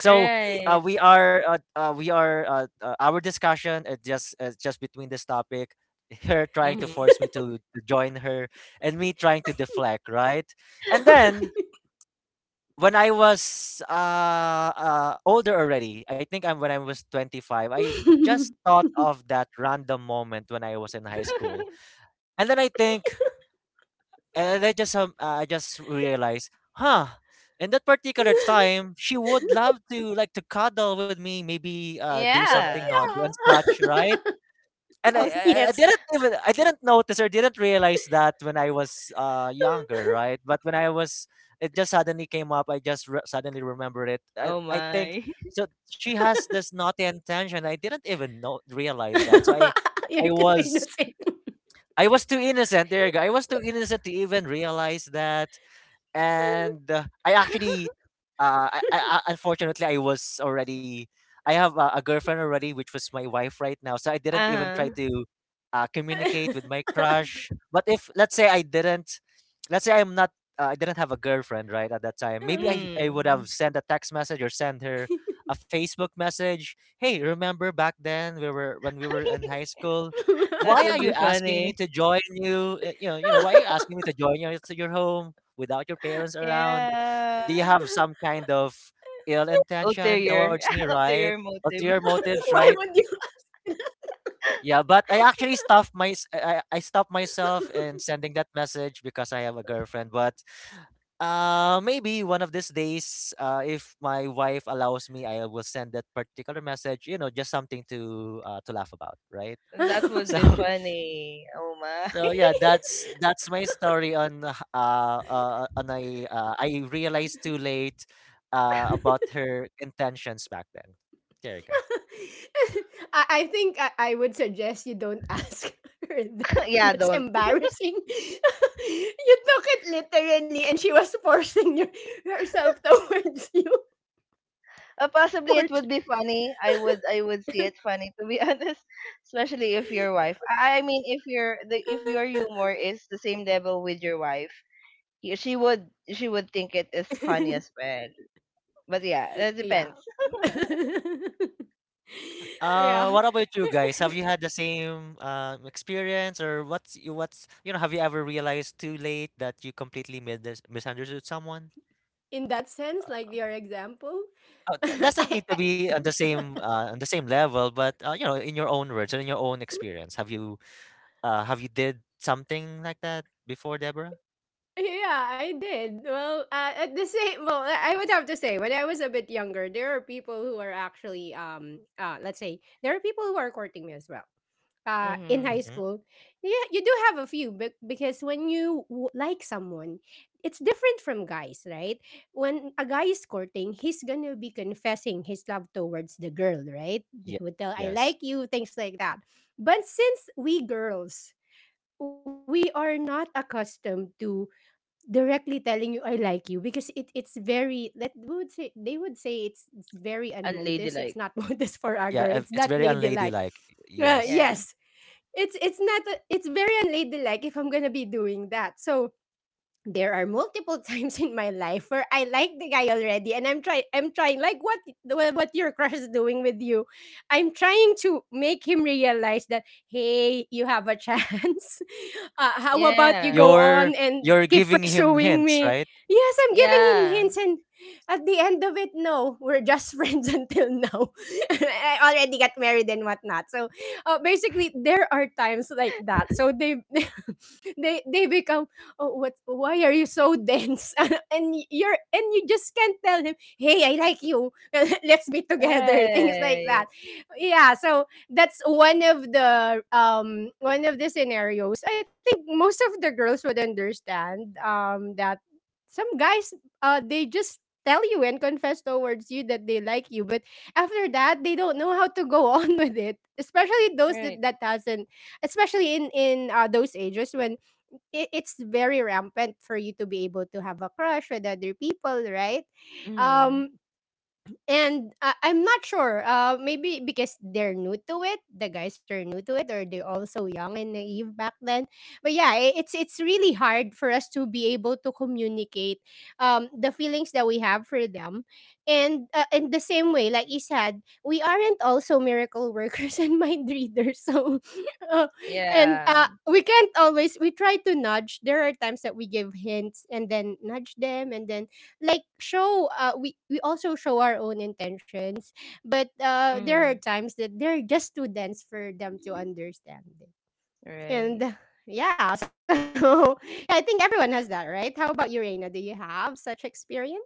Speaker 2: So
Speaker 3: Right.
Speaker 2: we are our discussion just between this topic, *laughs* her trying to
Speaker 3: Mhm.
Speaker 2: force me to join her, and me trying to deflect, right? And then when I was older already, I think I'm when I was 25, I just thought of that random moment when I was in high school.
Speaker 3: *laughs*
Speaker 2: And then i think and I just realized, huh? In that particular time, she would love to like to cuddle with me, maybe do something
Speaker 3: Yeah.
Speaker 2: naughty and such, right? And
Speaker 3: Oh,
Speaker 1: Yeah.
Speaker 2: I didn't even, I didn't notice or didn't realize that when I was younger, right? But when I was, it just suddenly came up. I just suddenly remembered it.
Speaker 3: oh
Speaker 2: I think
Speaker 3: my.
Speaker 2: so. She has this naughty intention. I didn't even know realize that. So
Speaker 1: *laughs* You're
Speaker 2: I
Speaker 1: too
Speaker 2: was
Speaker 1: innocent.
Speaker 2: I was too innocent. There you go. I was too innocent to even realize that. And I
Speaker 3: *laughs*
Speaker 2: actually, I- unfortunately, I was already, I have a girlfriend already, which was my wife right now. So I didn't even
Speaker 3: Uh-huh.
Speaker 2: try to communicate with my crush. But if, let's say I didn't, let's say I'm not, I didn't have a girlfriend, right, at that time, maybe
Speaker 1: *laughs*
Speaker 2: I would have
Speaker 3: Mm.
Speaker 2: sent a text message or sent her a Facebook message. Hey, remember back then we were, when we were in high
Speaker 3: *laughs*
Speaker 2: school?
Speaker 3: That
Speaker 2: Why are
Speaker 3: would
Speaker 2: you
Speaker 3: be
Speaker 2: asking me
Speaker 3: funny.
Speaker 2: to join you? You know, why are you asking me to join you to your home without your parents around?
Speaker 3: Yeah.
Speaker 2: Do you have some kind of ill intention
Speaker 3: Ulterior.
Speaker 2: towards me,
Speaker 3: *laughs*
Speaker 2: right?
Speaker 3: Ulterior
Speaker 2: Ulterior
Speaker 3: motive.
Speaker 2: motives,
Speaker 1: Why would
Speaker 2: right?
Speaker 1: you
Speaker 2: Yeah,
Speaker 3: *laughs*
Speaker 2: but I actually stopped my I, I stopped myself in sending that message because I have a girlfriend. But maybe one of these days, if my wife allows me, I will send that particular message. You know, just something to laugh about, right? *laughs*
Speaker 3: That would
Speaker 2: So
Speaker 3: be funny. Oh my.
Speaker 2: So yeah, that's my story on h- on a I realized too late about her intentions back then. There you go.
Speaker 1: *laughs* I think I would suggest you don't ask *laughs* her that.
Speaker 3: *laughs* Yeah,
Speaker 1: That's
Speaker 3: don't.
Speaker 1: embarrassing. *laughs* You took it literally and she was forcing your, herself towards you. *laughs*
Speaker 3: Possibly
Speaker 1: For
Speaker 3: it would be funny. I would, I would see it funny, to be *laughs* honest, especially if your wife. I mean, if your the if your humor is the same level with your wife, she would, she would think it is funny as well. But yeah,
Speaker 1: *laughs*
Speaker 3: that
Speaker 1: yeah.
Speaker 3: depends.
Speaker 1: *laughs* Yeah.
Speaker 2: What about you guys? Have you had the same experience, or what's what's, you know, have you ever realized too late that you completely misunderstood someone?
Speaker 1: In that sense, like your example, *laughs*
Speaker 2: Doesn't
Speaker 1: I,
Speaker 2: need to be on the same level, but you know, in your own words and in your own experience, have you did something like that before, Deborah?
Speaker 1: yeah, I did. Well, at the same, well, I would have to say when I was a bit younger, there are people who are actually, let's say, there are people who are courting me as well. In high
Speaker 3: Mhm.
Speaker 2: Mm-hmm.
Speaker 1: school, yeah, you do have a few, but because when you like someone, it's different from guys, right? When a guy is courting, he's gonna be confessing his love towards the girl, right? He
Speaker 2: Yes,
Speaker 1: would tell, "I
Speaker 2: yes.
Speaker 1: like you," things like that. But since we girls, we are not accustomed to directly telling you I like you, because it's very, let we would say they would say it's very unmodest. It's
Speaker 3: Unladylike.
Speaker 1: not *laughs* modest for a girl. It's
Speaker 2: It's
Speaker 1: not
Speaker 2: very
Speaker 1: ladylike.
Speaker 2: unladylike. Yes.
Speaker 3: Yeah.
Speaker 1: Yes, it's not it's very unladylike if I'm gonna be doing that. So there are multiple *laughs* times in my life where I like the guy already, and I'm trying like what what your crush is doing with you. I'm trying to make him realize that, hey, you have a *laughs* chance, how about you
Speaker 3: Yeah.
Speaker 1: go on
Speaker 2: You're
Speaker 1: and
Speaker 2: you're
Speaker 1: keep
Speaker 2: giving him
Speaker 1: pursuing
Speaker 2: hints,
Speaker 1: me?
Speaker 2: right?
Speaker 1: Yes, I'm giving him
Speaker 3: Yeah.
Speaker 1: hints, and at the end of it, no, we're just *laughs* friends until now. *laughs* I already got married and whatnot. So, basically, there are times like that. So *laughs* they become, oh, what? Why are you so dense? *laughs* And you're, and you just can't tell him, hey, I like you. *laughs* Let's be together. *laughs* Things like that.
Speaker 3: Right.
Speaker 1: Yeah. So that's one of the scenarios, I think most of the girls would understand that some guys they just tell you and confess towards you that they like you, but after that they don't know how to go *laughs* on with it, especially those
Speaker 3: Right.
Speaker 1: that hasn't, especially in those ages when it's very rampant for you to be able to have a crush with other people, right?
Speaker 3: Mhm.
Speaker 1: um and I'm not sure. Maybe because they're new to it, the guys are new to it, or they're also young and naive back then. But yeah, it's really hard for us to be able to communicate the feelings that we have for them, and in the same way, like you said, we aren't also miracle workers *laughs* and mind readers. So, *laughs* uh, and
Speaker 3: Yeah.
Speaker 1: we can't always. We try to nudge. There are times that we give hints and then nudge them, and then like show we also show our own intentions. But there are
Speaker 3: Mhm.
Speaker 1: times that they're just too dense for them to understand it. And
Speaker 3: Right.
Speaker 1: yeah, *laughs* so yeah, I think everyone has that, right? How about you, Reina, do you have such experience?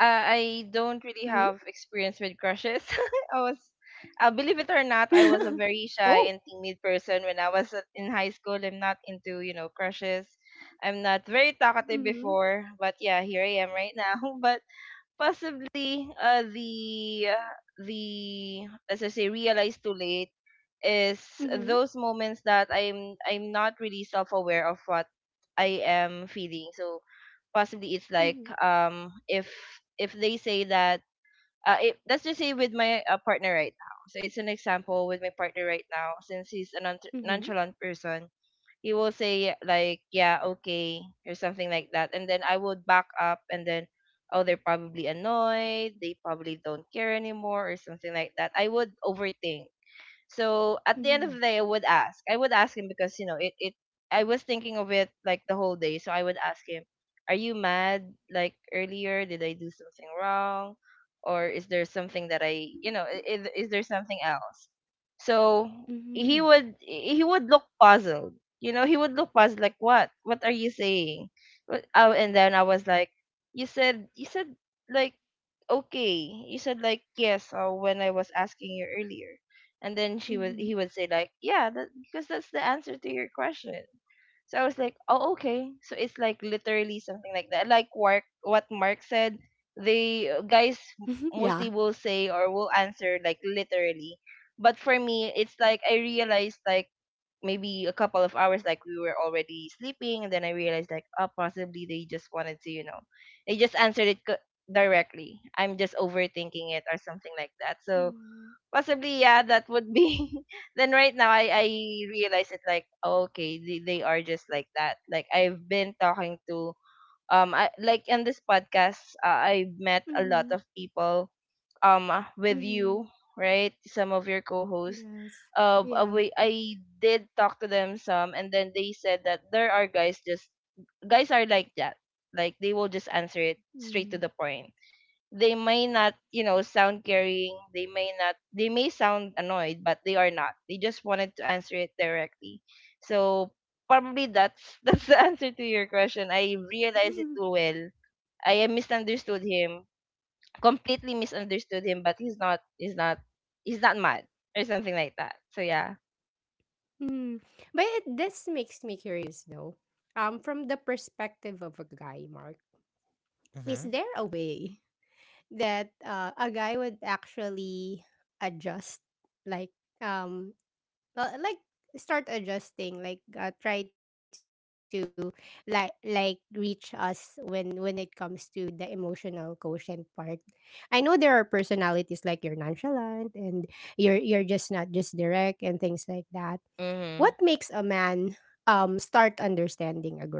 Speaker 3: Uh, I don't really
Speaker 1: Hmm.
Speaker 3: have experience with crushes. *laughs* I was, believe it or
Speaker 1: *laughs*
Speaker 3: not, I was a
Speaker 1: Oh.
Speaker 3: very shy and timid person when I was in high school. I'm not into, you know, crushes. I'm not very talkative
Speaker 1: Mm-hmm.
Speaker 3: before, but yeah, here I am right now. *laughs* But possibly the as I say realize too late is
Speaker 1: Mm-hmm.
Speaker 3: those moments that I'm not really self aware of what I am feeling. So possibly it's like
Speaker 1: Mm-hmm.
Speaker 3: if they say that let's just say with my partner right now. So it's an example with my partner right now, since he's a
Speaker 1: Mm-hmm.
Speaker 3: nonchalant person, he will say like yeah okay or something like that, and then I would back up and then, oh, they're probably annoyed, they probably don't care anymore or something like that. I would overthink. So at the end
Speaker 1: Mm-hmm.
Speaker 3: of the day, I would ask. I would ask him because you know it. It, I was thinking of it like the whole day, so I would ask him, "Are you mad? Like earlier, did I do something wrong, or is there something that I, you know, I- is there something else?" So
Speaker 1: Mm-hmm.
Speaker 3: he would look puzzled. You know, he would look puzzled, like, "What? What are you saying?" Oh, and then I was like, you said like." Okay. You said like yes, when I was asking you earlier, and then she
Speaker 1: Mm-hmm.
Speaker 3: would he would say like, yeah, that, because that's the answer to your question. So I was like, oh, okay, so it's like literally something like that, like mark what mark said. They guys
Speaker 1: *laughs* Yeah.
Speaker 3: mostly will say or will answer like literally. But for me, it's like I realized, like maybe a couple of hours, like we were already sleeping, and then I realized like, oh, possibly they just wanted to, they just answered it directly. I'm just overthinking it or something like that. So
Speaker 1: Mm-hmm.
Speaker 3: possibly, yeah, that would be *laughs* then right now I realize it like, oh, okay, they are just like that. Like I've been talking to, like in this podcast, I've met a
Speaker 1: Mm-hmm.
Speaker 3: lot of people, with
Speaker 1: Mm-hmm.
Speaker 3: you, right, some of your co-hosts.
Speaker 1: Yes.
Speaker 3: uh uh,
Speaker 1: Yeah.
Speaker 3: we i did talk to them some, and then they said that there are guys are like that. Like they will just answer it straight
Speaker 1: Mm.
Speaker 3: to the point. They may not sound caring. They may not, they may sound annoyed, but they are not. They just wanted to answer it directly. So probably that's *laughs* that's the answer to your question. I realized it
Speaker 1: *laughs*
Speaker 3: too well. I misunderstood him, completely misunderstood him, but he's not mad or something like that. So yeah.
Speaker 1: Mm. But this makes me curious though. From the perspective of a guy, Mark, is
Speaker 2: Mm-hmm.
Speaker 1: there a way that a guy would actually adjust, like um, like start adjusting, like try to like reach us when it comes to the emotional quotient part? I know there are personalities like you're nonchalant and you're just not just direct and things like that. What
Speaker 3: Mhm.
Speaker 1: makes a man start understanding a girl?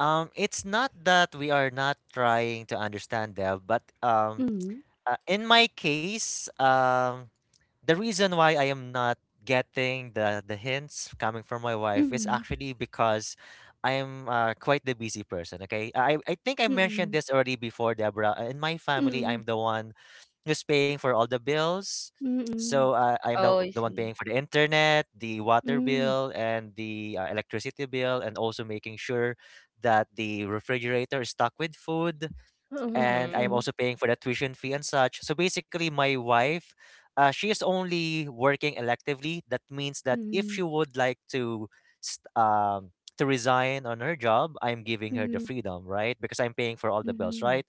Speaker 2: It's not that we are not trying to understand them, but
Speaker 1: Mhm,
Speaker 2: in my case, the reason why I am not getting the hints coming from my wife is
Speaker 1: mhm,
Speaker 2: actually because I am quite the busy person. Okay, I think I
Speaker 1: mm,
Speaker 2: mentioned this already before, Deborah. In my family,
Speaker 1: mm,
Speaker 2: I'm the one who's paying for all the bills.
Speaker 1: mm,
Speaker 2: So I am
Speaker 3: Oh, I
Speaker 2: the one
Speaker 3: see.
Speaker 2: paying for the internet, the water
Speaker 1: mm.
Speaker 2: bill, and the electricity bill, and also making sure that the refrigerator is stocked with food,
Speaker 1: Oh,
Speaker 2: and I
Speaker 1: true.
Speaker 2: am
Speaker 3: Mhm.
Speaker 2: also paying for the tuition fee and such. So basically, my wife, she is only working electively. That means that if
Speaker 1: Mm,
Speaker 2: she would like to, st- um, to resign on her job, I'm giving her
Speaker 1: mhm,
Speaker 2: the freedom, right? Because I'm paying for all the bills,
Speaker 1: mhm.
Speaker 2: right?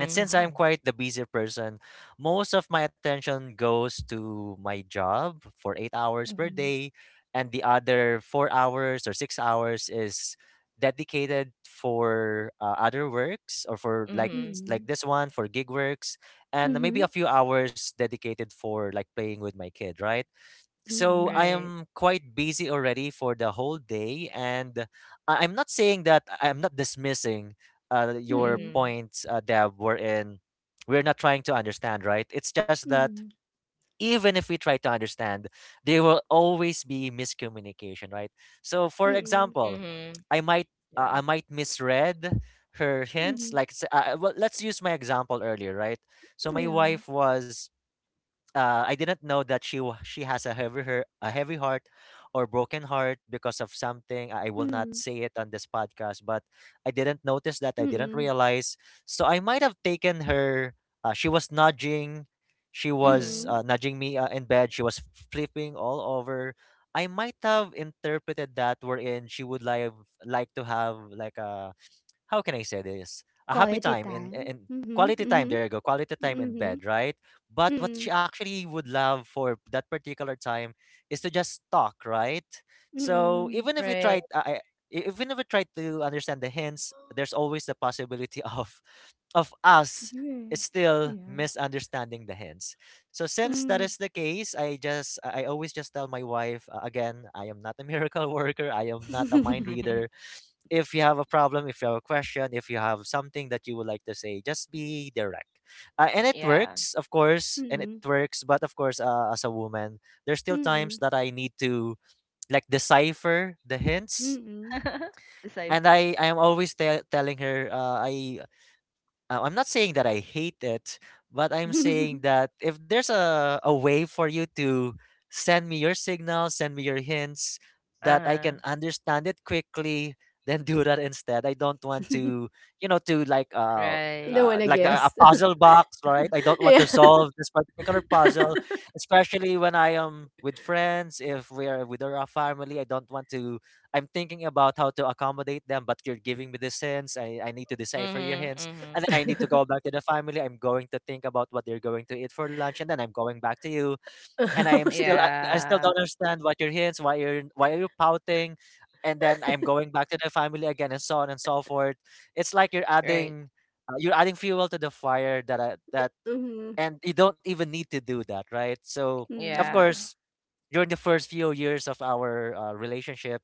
Speaker 2: And since I'm quite the busy person, most of my attention goes to my job for 8 hours per
Speaker 1: Mhm,
Speaker 2: day, and the other 4 hours or 6 hours is dedicated for other works or for
Speaker 3: Mhm.
Speaker 1: mm,
Speaker 2: like this one for gig works, and
Speaker 1: mhm,
Speaker 2: maybe a few hours dedicated for like playing with my kid, right? So
Speaker 1: mm,
Speaker 2: I
Speaker 3: Right.
Speaker 2: am quite busy already for the whole day, and I'm not saying that I'm not dismissing your
Speaker 1: mm,
Speaker 3: Mhm.
Speaker 2: points, Deb. Wherein we're not trying to understand, right? It's just that
Speaker 1: mm,
Speaker 2: even if we try to understand, there will always be miscommunication, right? So, for
Speaker 1: mm,
Speaker 2: example,
Speaker 3: Mhm.
Speaker 2: I might
Speaker 3: Yeah.
Speaker 2: I might misread her
Speaker 1: mhm.
Speaker 2: hints. Like, well, let's use my example earlier, right? So my
Speaker 1: Yeah.
Speaker 2: wife was I didn't know that she has a heavy her a heavy heart or broken heart because of something.
Speaker 1: Mm,
Speaker 2: I will not say it on this podcast, but I didn't notice that. I
Speaker 1: mm,
Speaker 2: didn't realize. So I might have taken her. She was nudging. She was
Speaker 1: mm.
Speaker 3: Mhm.
Speaker 2: nudging me in bed. She was flipping all over. I might have interpreted that wherein she would like to have like a how can I say this? A
Speaker 1: Quality
Speaker 2: happy time
Speaker 1: time.
Speaker 2: in
Speaker 1: Mhm,
Speaker 2: quality
Speaker 1: mhm,
Speaker 2: time. There you go, quality time in
Speaker 1: mhm,
Speaker 2: bed, right? But what
Speaker 1: mm,
Speaker 2: she actually would love for that particular time is to just talk, right? So
Speaker 1: mm.
Speaker 2: even if we
Speaker 3: Right.
Speaker 2: tried, even if we tried to understand the hints, there's always the possibility *laughs* of us
Speaker 1: Yeah.
Speaker 2: still
Speaker 1: Yeah.
Speaker 2: misunderstanding the hints. So since that
Speaker 1: Mm.
Speaker 2: is the case, I always just tell my wife, again, I am not a miracle *laughs* worker, I am not a
Speaker 1: *laughs*
Speaker 2: mind reader.
Speaker 3: *laughs*
Speaker 2: If you have a problem, if you have a question, if you have something that you would like to say, just be direct. And it
Speaker 3: Yeah.
Speaker 2: works, of course, and
Speaker 1: Mm.
Speaker 2: it works. But of course, as a woman, there's still
Speaker 1: Mm,
Speaker 2: times that I need to like decipher the hints.
Speaker 1: mm.
Speaker 3: *laughs*
Speaker 2: And
Speaker 3: Decipher.
Speaker 2: I am always telling her, I'm not saying that I hate it, but I'm saying
Speaker 1: *laughs*
Speaker 2: that if there's a way for you to send me your signals, send me your hints, that I
Speaker 3: Uh-huh.
Speaker 2: can understand it quickly, then do that instead. I don't want to, you know, to
Speaker 1: You don't
Speaker 3: Right.
Speaker 1: wanna
Speaker 2: like
Speaker 1: guess.
Speaker 2: a puzzle box, right? I
Speaker 1: *laughs*
Speaker 2: don't
Speaker 1: Yeah.
Speaker 2: want to solve this particular puzzle, especially when I am with friends. If we're with our family, I don't want to. I'm thinking about how to accommodate them, but you're giving me the hints. I need to decipher your
Speaker 3: Mm-hmm.
Speaker 2: hints,
Speaker 3: Mm-hmm.
Speaker 2: and then I need to go back to the family. I'm going to think about what they're going to eat for lunch, and then I'm going back to you. And I am
Speaker 1: *laughs*
Speaker 2: still, I still
Speaker 3: Yeah.
Speaker 2: don't understand what your hints, why are you pouting? And then I'm going back to the family again, and so on and so forth. It's like
Speaker 3: Right.
Speaker 2: you're adding fuel to the fire
Speaker 1: Mhm.
Speaker 2: and you don't even need to do that, right? So of
Speaker 1: Mm,
Speaker 3: Yeah.
Speaker 2: course during the first few years of our relationship,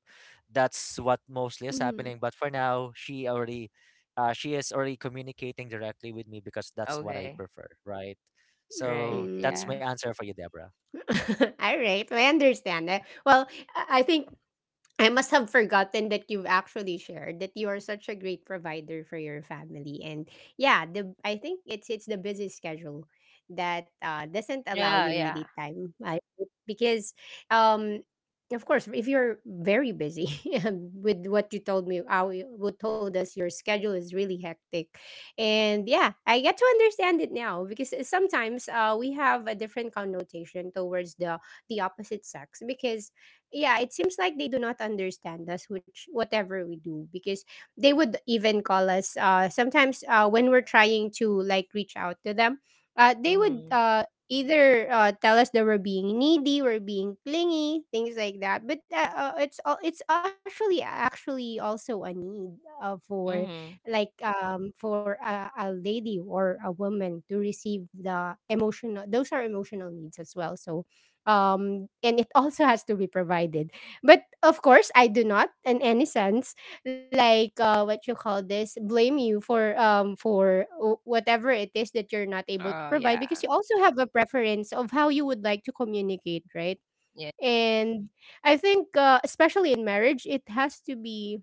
Speaker 2: that's
Speaker 1: mhm,
Speaker 2: what
Speaker 1: mm.
Speaker 2: mostly is happening. But for now, she already, she is already communicating directly with me because that's what I
Speaker 3: Okay.
Speaker 2: prefer, right?
Speaker 1: *laughs*
Speaker 2: So
Speaker 3: Right.
Speaker 1: Mm.
Speaker 2: that's my
Speaker 3: Yeah.
Speaker 2: answer for you, Deborah.
Speaker 1: All right, I understand that. Well, I think I must have forgotten that you've actually shared that you are such a great provider for your family. And yeah, the I think it's the busy schedule that doesn't allow you
Speaker 3: Yeah.
Speaker 1: really
Speaker 3: Yeah.
Speaker 1: time, because um of course if you're very busy *laughs* with what you told me how you what told us your schedule is really hectic. And yeah, I get to understand it now, because sometimes, we have a different connotation towards the opposite sex, because yeah, it seems like they do not understand us, which whatever we do, because they would even call us. Sometimes, when we're trying to like reach out to them, they would
Speaker 3: Mm-hmm.
Speaker 1: either tell us that we're being needy, we're being clingy, things like that. But it's all, it's actually actually also a need, for
Speaker 3: Mm-hmm.
Speaker 1: like for a lady or a woman to receive the emotional. Those are emotional needs as well. So and it *laughs* also has to be provided, but of course I do not in any sense like, what you call this, blame you for whatever it is that you're not able to
Speaker 3: Oh,
Speaker 1: provide, because
Speaker 3: yeah.
Speaker 1: you also have a preference of how you would like to communicate, right?
Speaker 3: Yeah.
Speaker 1: And I think, especially in marriage, it has to be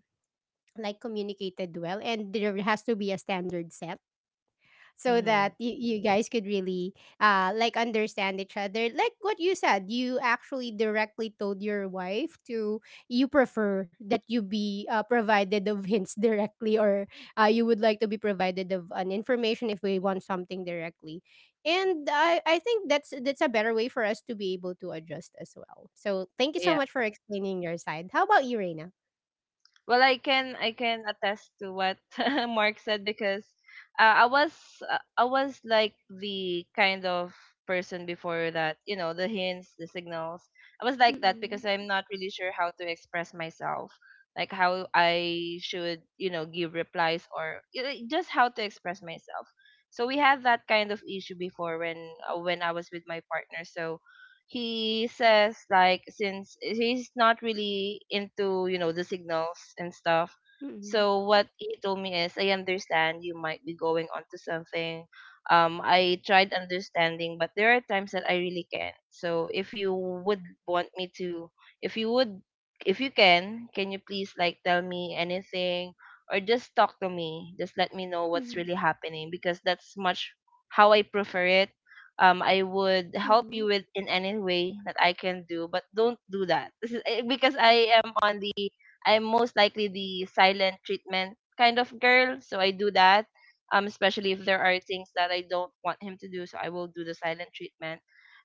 Speaker 1: like communicated well, and there has to be a standard set so
Speaker 3: Mm-hmm.
Speaker 1: that you guys could really like understand each other. Like what you said, you actually directly told your wife to, you prefer that you be, provided of hints directly, or you would like to be provided of an information if we want something directly. And I think that's a better way for us to be able to adjust as well. So thank you so
Speaker 3: Yeah.
Speaker 1: much for explaining your side. How about you, Reina?
Speaker 3: Well, I can attest to what *laughs* Mark said, because uh, I was I was like the kind of person before that, you know, the hints, the signals. I was like that
Speaker 1: Mm-mm.
Speaker 3: because I'm not really sure how to express myself, like how I should give replies, or just how to express myself. So we had that kind of issue before when I was with my partner. So he says like, since he's not really into the signals and stuff,
Speaker 1: Mm-mm.
Speaker 3: so what he told me is, I understand you might be going on to something. I tried understanding, but there are times that I really can't. So if you would want me to if you would if you can, you please like tell me anything, or just talk to me, just let me know what's really happening, because that's much how I prefer it. I would
Speaker 1: Mm-mm.
Speaker 3: help you with in any way that I can do, but don't do that. This is because I am on. I'm most likely the silent treatment kind of girl, so I do that. Especially if there are things that I don't want him to do, so I will do the silent treatment,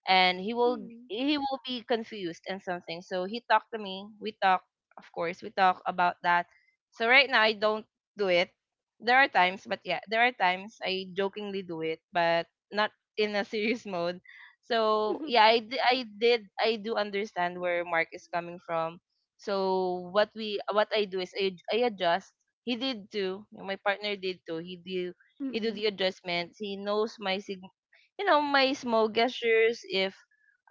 Speaker 3: and he will
Speaker 1: Mm-mm.
Speaker 3: he will be confused and something. So he talked to me. We talk, of course, we talk about that. So right now I don't do it. There are times, but yeah, there are times I jokingly do it, but not in a serious mode. So
Speaker 1: Mm-mm.
Speaker 3: yeah, I, d- I did I do understand where Mark is coming from. So what I do is I adjust. He did too. My partner did too. He do he
Speaker 1: Mm-mm.
Speaker 3: do the adjustments. He knows my sig you know my small gestures. If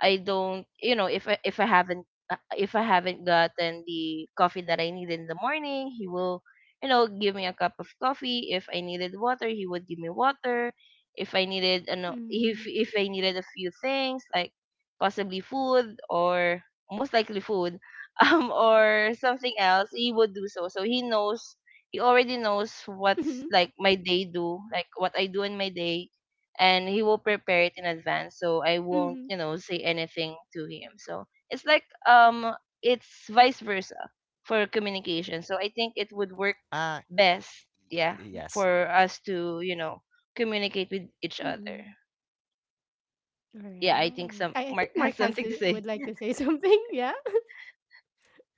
Speaker 3: I don't, if I haven't if I haven't gotten the coffee that I needed in the morning, he will give me a cup of coffee. If I needed water, he would give me water. If I needed
Speaker 1: Mm-mm. *laughs*
Speaker 3: a few things, like possibly food, or most likely food, *laughs* or something else, he would do So
Speaker 1: Mhm,
Speaker 3: he already knows what I do in my day, and he will prepare it in
Speaker 1: mhm,
Speaker 3: advance, so I won't say anything to him. So it's like it's vice versa for communication, so I think it
Speaker 2: Ah,
Speaker 3: would work best, yeah,
Speaker 2: yes.
Speaker 3: for us to communicate with each
Speaker 1: mhm.
Speaker 3: other. Yeah, I
Speaker 1: Alright.
Speaker 3: think
Speaker 1: I
Speaker 3: some
Speaker 1: think
Speaker 3: mark *laughs*
Speaker 1: Mark
Speaker 3: has
Speaker 1: has to
Speaker 3: something to
Speaker 1: would
Speaker 3: say.
Speaker 1: like to say *laughs* something, yeah?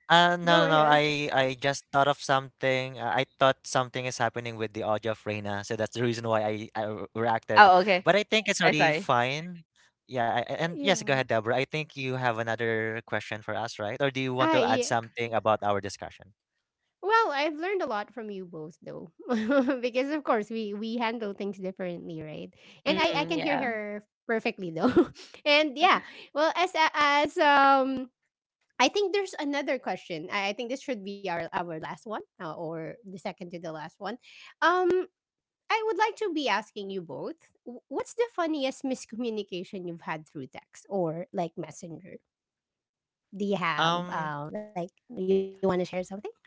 Speaker 1: Go
Speaker 2: No, no, no.
Speaker 1: ahead.
Speaker 2: I just thought of something. I thought something is happening with the audio of Reina, so that's the reason why I reacted.
Speaker 3: Oh, okay.
Speaker 2: But I think it's
Speaker 3: I'm
Speaker 2: already
Speaker 3: sorry.
Speaker 2: fine. Yeah, and yes, go
Speaker 1: Yeah.
Speaker 2: ahead, Deborah. I think you have another question for us, right? Or do you want
Speaker 1: I
Speaker 2: to add
Speaker 1: yeah.
Speaker 2: something about our discussion?
Speaker 1: Well, I've learned a lot from you both though. *laughs* Because of course we handle things differently, right? And I
Speaker 3: Mm,
Speaker 1: can hear
Speaker 3: yeah.
Speaker 1: her perfectly though. *laughs* And yeah. Well, as I think there's another question. I think this should be our last one, or the second to the last one. Um I would like to be asking you both, what's the funniest miscommunication you've had through text or like messenger? Do you have,
Speaker 2: Um,
Speaker 1: like you want to share something? Go ahead, Mark.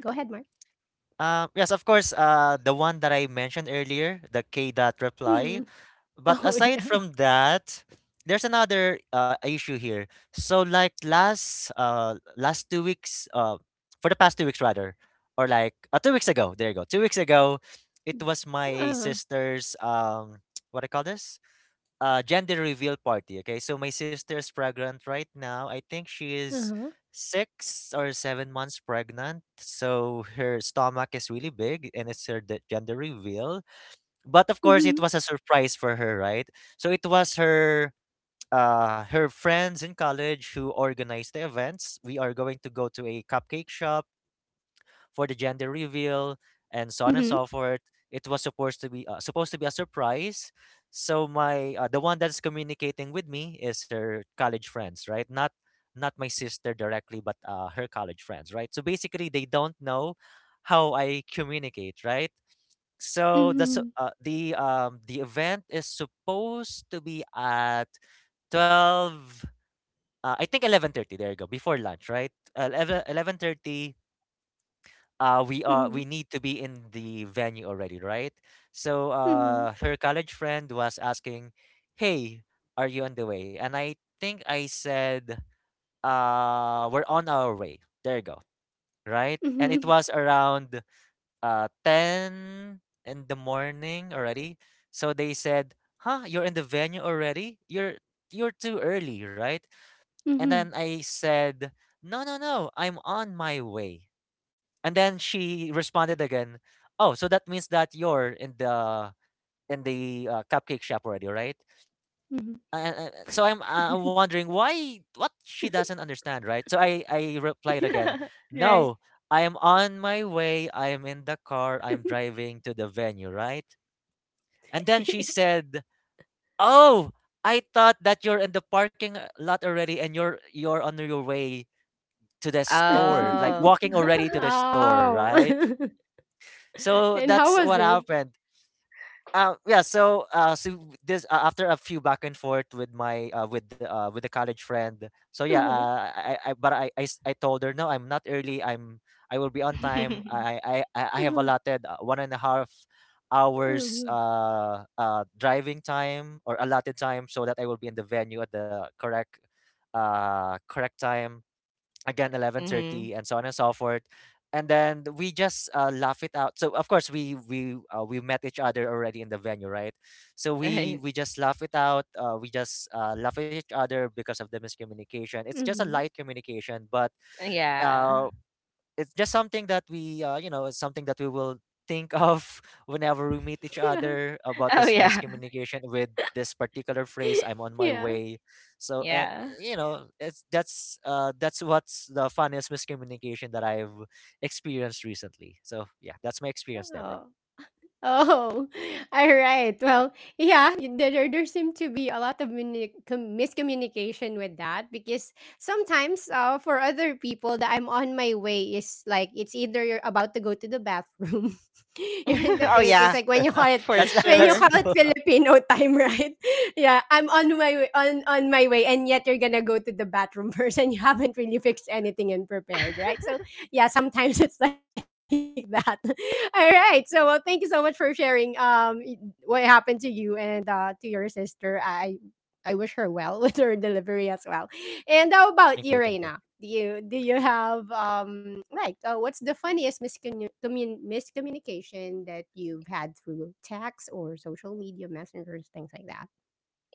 Speaker 2: yes, of course. The one that I mentioned earlier, the K dot
Speaker 1: Mm.
Speaker 2: reply.
Speaker 1: *laughs*
Speaker 2: But
Speaker 1: Oh yeah.
Speaker 2: aside from that, there's another issue here. So like last 2 weeks for the past 2 weeks rather, or like 2 weeks ago. There you go. 2 weeks ago, it was
Speaker 1: Uh-huh.
Speaker 2: my sister's *tsk* what I call this gender reveal party. Okay, so my sister's pregnant right now. I think she is
Speaker 1: Uh-huh.
Speaker 2: 6 or 7 months pregnant. So her stomach is really big, and it's her gender reveal, but of course,
Speaker 1: Mm-hmm.
Speaker 2: it was a surprise for her, right? So it was her friends in college who organized the events. We are going to go to a cupcake shop for the gender reveal
Speaker 1: Mm-hmm.
Speaker 2: and so on and so forth. It was supposed to be supposed to be a surprise. So my the one that's communicating with me is her college friends, right? Not not my sister directly, but her college friends, right? So basically, they don't know how I communicate, right? So the
Speaker 1: Mm-hmm.
Speaker 2: su- the event is supposed to be at 12, I think 11:30. There you go. Before lunch, right? 11 11:30, we are
Speaker 1: Mm-hmm.
Speaker 2: we need to be in the venue already, right? So her college friend was asking, "Hey, are you on the way?" And I think I said, "We're on our way." There you go. Right? And it
Speaker 1: Mm-hmm.
Speaker 2: was around 10 in the morning already. So they said, "Huh, you're in the venue already? You're too early, right?" And then
Speaker 1: Mm-hmm.
Speaker 2: I said, "No, no, no. I'm on my way." And then she responded again, "Oh, so that means that you're in the cupcake shop already, right?"
Speaker 1: Mm-hmm.
Speaker 2: I'm wondering why what she doesn't understand, right? So I replied again,
Speaker 3: *laughs* Right.
Speaker 2: "No, I am on my way. I am in the car. I'm driving to the venue, right?" And then she said, "Oh, I thought that you're in the parking lot already and you're on your way to the store, like
Speaker 3: Oh.
Speaker 2: walking
Speaker 1: *laughs*
Speaker 2: already to the store, right?"
Speaker 1: Oh. *laughs*
Speaker 2: So
Speaker 1: And how
Speaker 2: that's what
Speaker 1: was it?
Speaker 2: happened. Yeah, so so this after a few back and forth with my with the college friend. So yeah,
Speaker 1: Uh-huh.
Speaker 2: I- but I s- I told her no, I'm not early. I'm I will be on time.
Speaker 3: *laughs*
Speaker 2: I have
Speaker 1: Uh-huh.
Speaker 2: allotted 1.5 hours
Speaker 1: Uh-huh.
Speaker 2: driving time or allotted time so that I will be in the venue at the correct time, again
Speaker 3: Mm-hmm.
Speaker 2: 11:30, and so on and so forth. And then we just laugh it out. So of course we met each other already in the venue, right? So we
Speaker 3: Right.
Speaker 2: we just laugh it out. We just laugh at each other because of the miscommunication. It's just a
Speaker 1: Mm-hmm.
Speaker 2: light communication, but
Speaker 3: Yeah.
Speaker 2: uh, it's just something that we you know, it's something that we will think of *laughs* whenever we meet each
Speaker 1: Yeah.
Speaker 2: other,
Speaker 3: *laughs*
Speaker 2: about
Speaker 3: Oh,
Speaker 2: this
Speaker 3: yeah.
Speaker 2: miscommunication with this particular phrase, "I'm
Speaker 1: *laughs*
Speaker 2: on my
Speaker 1: Yeah.
Speaker 2: way." So and
Speaker 3: Yeah.
Speaker 2: you know, it's that's what's the funniest miscommunication that I've experienced recently. So yeah, that's my experience,
Speaker 1: Oh.
Speaker 2: Deborah.
Speaker 1: Oh, *laughs* all right. Well, yeah, there, there seem to be a lot of miscommunication with that, because sometimes, for other people, the "I'm on my way" is like it's either you're about to go to the bathroom, *laughs* you're in
Speaker 3: *laughs*
Speaker 1: the
Speaker 3: Oh,
Speaker 1: Philippines,
Speaker 3: yeah.
Speaker 2: Yes.
Speaker 1: like when you call
Speaker 2: *laughs*
Speaker 1: it,
Speaker 3: For
Speaker 2: That's *laughs*
Speaker 1: when you
Speaker 2: that's
Speaker 3: sure.
Speaker 1: call it
Speaker 2: true. *laughs*
Speaker 1: Filipino time, right? *laughs* Yeah, I'm on my way, on my way, and yet you're gonna go to the bathroom *laughs* first, and you haven't really fixed anything and prepared,
Speaker 3: *laughs*
Speaker 1: right? So yeah, sometimes *laughs* it's like that. All right. So, well, thank you so much for sharing what happened to you and to your sister. I wish her well *laughs* with her delivery as well. And how about
Speaker 2: Thank you,
Speaker 1: you,
Speaker 2: thank you.
Speaker 1: Reina? Do you have like, what's the funniest miscommunication that you've had through text or social media messengers, things like that?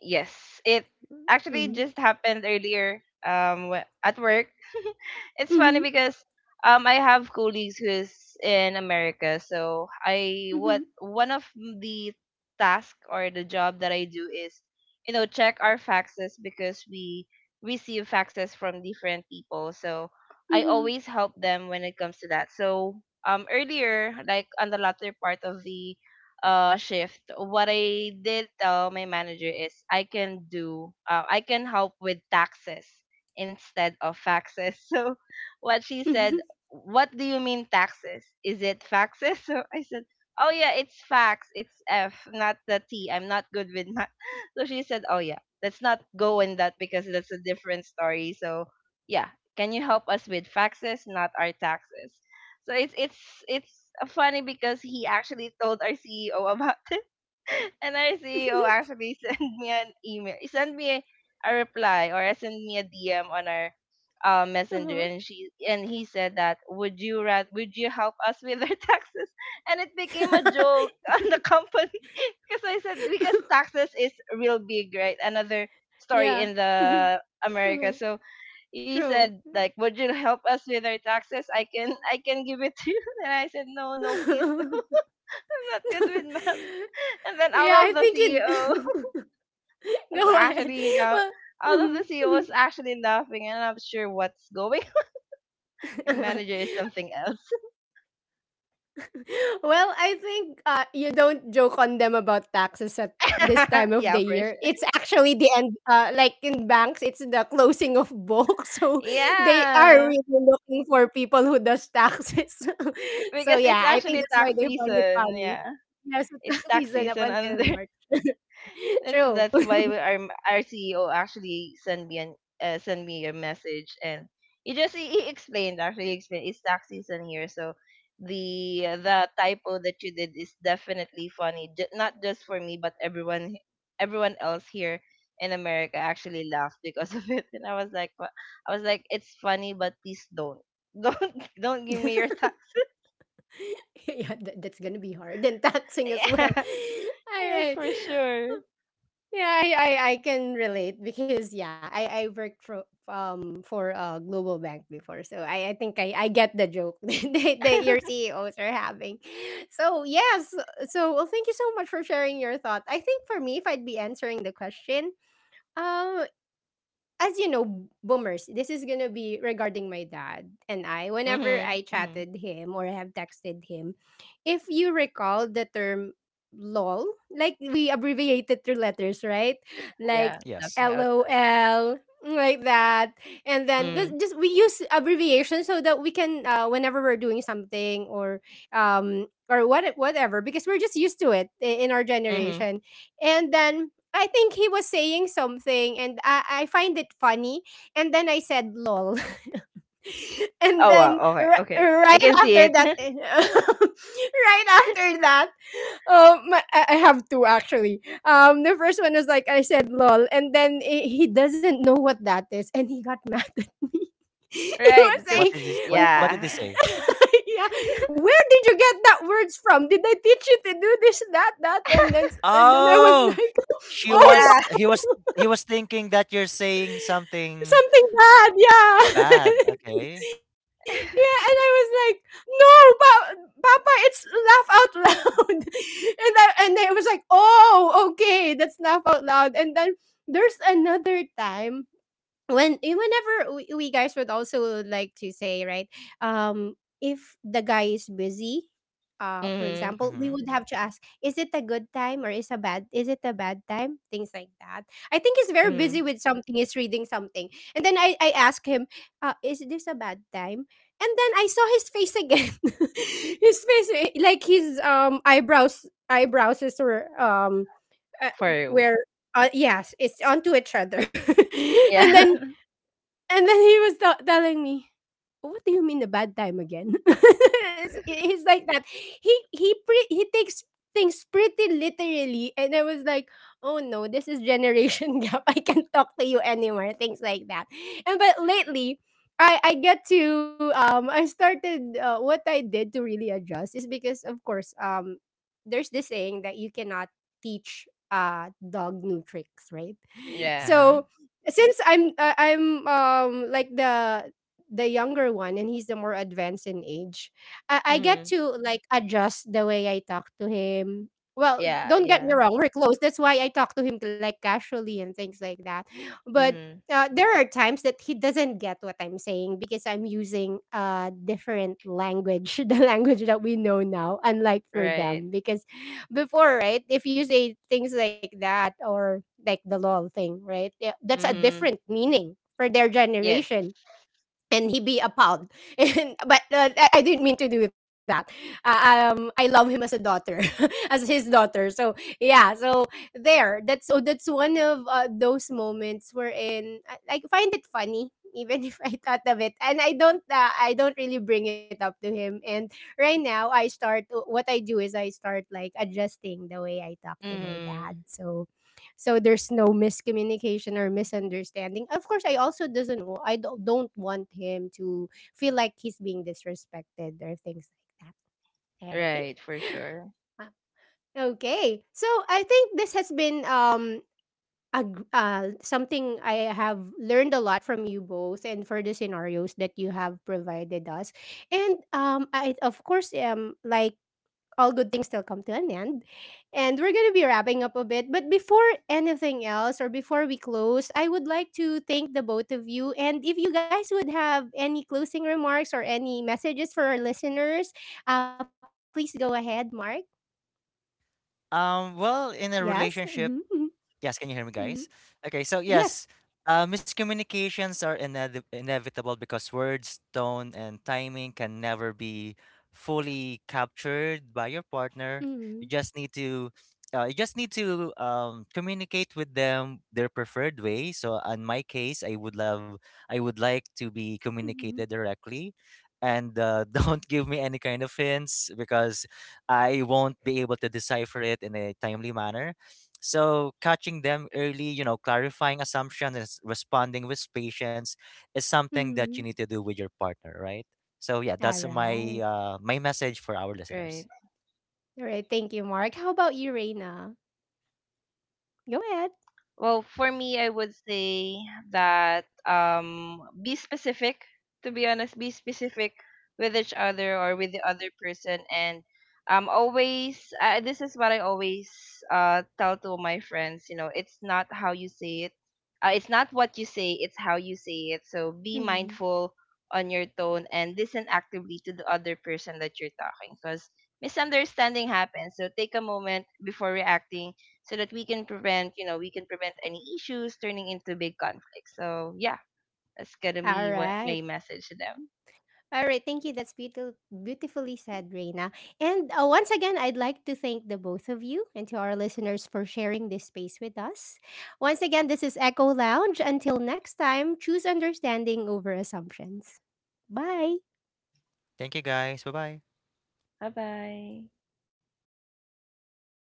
Speaker 3: Yes, it actually
Speaker 1: Mm-hmm.
Speaker 3: just happened earlier, at work. *laughs* It's funny
Speaker 1: Mm-hmm.
Speaker 3: because I have colleagues who is in America, so I what
Speaker 1: Mm-hmm.
Speaker 3: one of the task or the job that I do is, you know, check our faxes, because we receive faxes from different people. So I
Speaker 1: Mm-hmm.
Speaker 3: always help them when it comes to that. So earlier, like on the latter part of the shift, what I did tell my manager is, I can help with taxes instead of faxes. *laughs* So what she said,
Speaker 1: Mm-hmm.
Speaker 3: what do you mean taxes? Is it faxes? *laughs* So I said, oh yeah, it's fax, it's f, not the t, I'm not good with math. *laughs* So she said, oh yeah, let's not go in that, because that's a different story. So yeah, can you help us with faxes, not our taxes? So it's funny because he actually told our CEO about *laughs* it, and our CEO actually *laughs* sent me an email, he sent me a reply or sent me a DM on our messenger,
Speaker 1: Uh-huh.
Speaker 3: and she and he said that, would you help us with our *laughs* taxes? And it became a joke
Speaker 1: *laughs*
Speaker 3: *laughs* on the company, *laughs* because I said, because taxes is real big, right? Another story
Speaker 1: Yeah.
Speaker 3: in
Speaker 1: *laughs*
Speaker 3: the America,
Speaker 1: Uh-huh.
Speaker 3: so he said
Speaker 1: True.
Speaker 3: like, would you help us with our taxes, I can give it to you, *laughs* and I said, no, no, please, *laughs* I'm not
Speaker 1: *laughs*
Speaker 3: good with math.
Speaker 1: *laughs*
Speaker 3: And then
Speaker 1: Yeah, I think it. *laughs*
Speaker 3: was
Speaker 1: Go ahead.
Speaker 3: actually uh,
Speaker 1: Well,
Speaker 3: all of the
Speaker 1: mhm,
Speaker 3: CEO
Speaker 1: mhm.
Speaker 3: was actually laughing, and I'm not sure what's going *laughs* on. My manager is
Speaker 1: *laughs*
Speaker 3: something else.
Speaker 1: Well, I think, you don't joke on them about taxes at this
Speaker 3: *laughs*
Speaker 1: time of
Speaker 3: Yeah,
Speaker 1: the
Speaker 3: for
Speaker 1: year.
Speaker 3: sure.
Speaker 1: It's actually the end. Like in banks, it's the closing of books, *laughs* so they are
Speaker 3: Yeah,
Speaker 1: really looking for people who does taxes. *laughs* So
Speaker 3: because it's
Speaker 1: yeah, I think
Speaker 3: actually
Speaker 1: that's why
Speaker 3: tax
Speaker 1: they find it
Speaker 3: season.
Speaker 1: funny.
Speaker 3: Yeah,
Speaker 1: Yeah, so
Speaker 3: it's
Speaker 1: tax *laughs*
Speaker 3: tax
Speaker 1: season up
Speaker 3: season
Speaker 1: until
Speaker 3: under.
Speaker 1: March. *laughs*
Speaker 3: That's
Speaker 1: True.
Speaker 3: that's why our CEO actually sent me a message, and he just he explained actually he explained it's tax season here, so the typo that you did is definitely funny, J- not just for me, but everyone else here in America actually laughed because *laughs* of it, and I was like, " I was like, it's funny, but please don't, *laughs* don't give me your
Speaker 1: *laughs*
Speaker 3: tax.
Speaker 1: *laughs* Yeah, that's gonna be hard and *laughs*
Speaker 3: *laughs*
Speaker 1: taxing as well.
Speaker 3: Yeah,
Speaker 1: *laughs* All
Speaker 3: yes,
Speaker 1: right.
Speaker 3: for sure.
Speaker 1: Yeah, I can relate because yeah, I worked for a global bank before. So I think I get the joke *laughs* that, that
Speaker 3: *laughs*
Speaker 1: your CEOs are having. So yes, so well thank you so much for sharing your thought. I think for me, if I'd be answering the question, um as you know, boomers, this is gonna be regarding my dad and I. Whenever
Speaker 3: Mhm,
Speaker 1: I
Speaker 3: mhm.
Speaker 1: chatted him or have texted him, if you recall the term LOL, like we abbreviate it through letters, right?
Speaker 3: Yeah,
Speaker 1: Like
Speaker 2: Yes,
Speaker 3: laughing out loud.
Speaker 1: LOL, like that. And then
Speaker 3: Mm.
Speaker 1: just we use abbreviation so that we can, whenever we're doing something, or or what, whatever, because we're just used to it in our
Speaker 3: Mhm.
Speaker 1: generation. And then I think he was saying something and I find it funny. And then I said, lol. *laughs* And
Speaker 3: Oh, wow.
Speaker 1: then
Speaker 3: Okay. Okay. I
Speaker 1: right
Speaker 3: can see
Speaker 1: after
Speaker 3: it.
Speaker 1: that, *laughs*
Speaker 3: *laughs*
Speaker 1: right after that, I have two actually. The first one was like, I said, lol. And then he doesn't know what that is. And he got mad *laughs* at me. He
Speaker 3: Right.
Speaker 1: was
Speaker 3: Because
Speaker 2: what
Speaker 1: saying,
Speaker 2: did he,
Speaker 1: "W-
Speaker 2: what
Speaker 1: w-
Speaker 2: did they
Speaker 3: yeah.
Speaker 2: say?
Speaker 1: *laughs* yeah, where did you get that words from? Did I teach you to do this, that, that?" And then, and then I was
Speaker 2: Oh,
Speaker 1: like, *laughs*
Speaker 2: she
Speaker 1: oh,
Speaker 2: was
Speaker 3: Yeah.
Speaker 2: he was, he was thinking that you're saying something.
Speaker 1: something bad,
Speaker 2: Bad,
Speaker 1: yeah. *laughs*
Speaker 2: okay.
Speaker 1: Yeah, and I was
Speaker 3: *laughs*
Speaker 1: like, "No, pa, Papa, it's laugh out loud." *laughs* And I was like, "Oh, okay, that's laugh out loud." And then there's another time when eh, whenever we guys would also like to say right, um if the guy is busy, for
Speaker 3: Mhm.
Speaker 1: example, we
Speaker 2: Mhm,
Speaker 1: would have to ask, is it a good time, or is it a bad time, things like that. I think he's very busy
Speaker 3: Mhm.
Speaker 1: with something, he's reading something. And then I ask him, is this a bad time? And then I saw his face again, *laughs* his face, eh, like his eyebrows is were uh,
Speaker 3: For you.
Speaker 1: where, yes, it's onto each other. *laughs* And
Speaker 3: Yeah.
Speaker 1: then
Speaker 3: *laughs*
Speaker 1: he was telling me, what do you mean a bad time again? *laughs* He's like that. He he takes things pretty literally, and I was like, oh no, this is generation *laughs* gap. I can't talk to you anymore. Things like that. And but lately. I get to, I started, what I did to really adjust is because of course, there's this saying that you cannot teach dog new tricks, right?
Speaker 3: Yeah.
Speaker 2: mhm.
Speaker 1: So since I'm, I'm, like the younger one, and he's the more advanced in age, I get
Speaker 3: Mhm.
Speaker 1: to like adjust the way I talk to him. Well,
Speaker 3: Yeah.
Speaker 1: don't get
Speaker 3: Yeah.
Speaker 1: me wrong, we're close, that's why I talk to him like casually and things like that. But
Speaker 3: Mhm.
Speaker 1: there are times that he doesn't get what I'm saying because I'm using a different language, *laughs* the language that we know now, unlike for
Speaker 3: Right.
Speaker 1: them, because before, right, if you say things like that, or like the lol thing, right? Yeah, that's a
Speaker 3: Mhm.
Speaker 1: different meaning for their
Speaker 3: Yes.
Speaker 1: generation. And he be a pub. *laughs* And but I didn't mean to do that. I love him as a daughter, *laughs* as his daughter. So yeah, so there. That's, oh, that's one of, those moments wherein I find it funny. Even *laughs* if I thought of it, and I don't really bring it up to him. And right now, I start. What I do is I start like adjusting the way I talk to my
Speaker 3: Mhm.
Speaker 1: dad. So so there's no miscommunication or misunderstanding. Of course I also doesn't wa- I don't want him to feel like he's being disrespected or things like that, right?
Speaker 3: Right. For sure.
Speaker 1: *laughs* Ah. Okay. So I think this has been, a, something I have learned a lot from you both, and for the scenarios that you have provided us. And I of course, like, all good things still come to an end. And we're going to be wrapping up a bit. But before anything else, or before we close, I would like to thank the both of you. And if you guys would have any closing remarks or any messages for our listeners, please go ahead, Mark.
Speaker 2: Well, in a
Speaker 1: Yes.
Speaker 2: relationship.
Speaker 1: Hmm.
Speaker 2: Yes, can you hear me,
Speaker 1: Hmm.
Speaker 2: guys? Okay, so
Speaker 1: Yes.
Speaker 2: yes, miscommunications are inevitable because words, tone, and timing can never be fully captured by your partner.
Speaker 1: Hmm.
Speaker 2: You just need to, communicate with them their preferred way. So, in my case, I would like to be
Speaker 1: Hmm.
Speaker 2: communicated directly, and *laughs* don't give me any kind of hints because I won't be able to decipher it in a timely manner, so catching them early, you know, clarifying assumptions, and responding with patience is something that you need
Speaker 1: Hmm.
Speaker 2: to do with your partner, right? So yeah,
Speaker 1: All
Speaker 2: that's my
Speaker 1: right.
Speaker 2: my
Speaker 3: Right.
Speaker 2: message for our listeners.
Speaker 1: All right. Thank you, Mark. How about you, Reina? Go ahead.
Speaker 3: Well, for me, I would say that, be specific. To be honest, be specific with each other or with the other person, and always. This is what I always tell to my friends. It's not how you say it. It's not what you say. It's how you say it. So be
Speaker 1: Mhm.
Speaker 3: mindful on your tone, and listen actively to the other person that you're talking, because misunderstanding happens. So take a moment before reacting, so that we can prevent, we can prevent any issues turning into big conflicts. So yeah, that's gonna
Speaker 1: All
Speaker 3: be what
Speaker 1: right.
Speaker 3: my message to them.
Speaker 1: Alright, thank you. That's beautiful, beautifully said, Reina. And once again, I'd like to thank the both of you and to our listeners for sharing this space with us. Once again, this is Echo Lounge. Until next time, choose understanding over assumptions. Bye.
Speaker 2: Thank you, guys. Bye bye.
Speaker 3: Bye bye.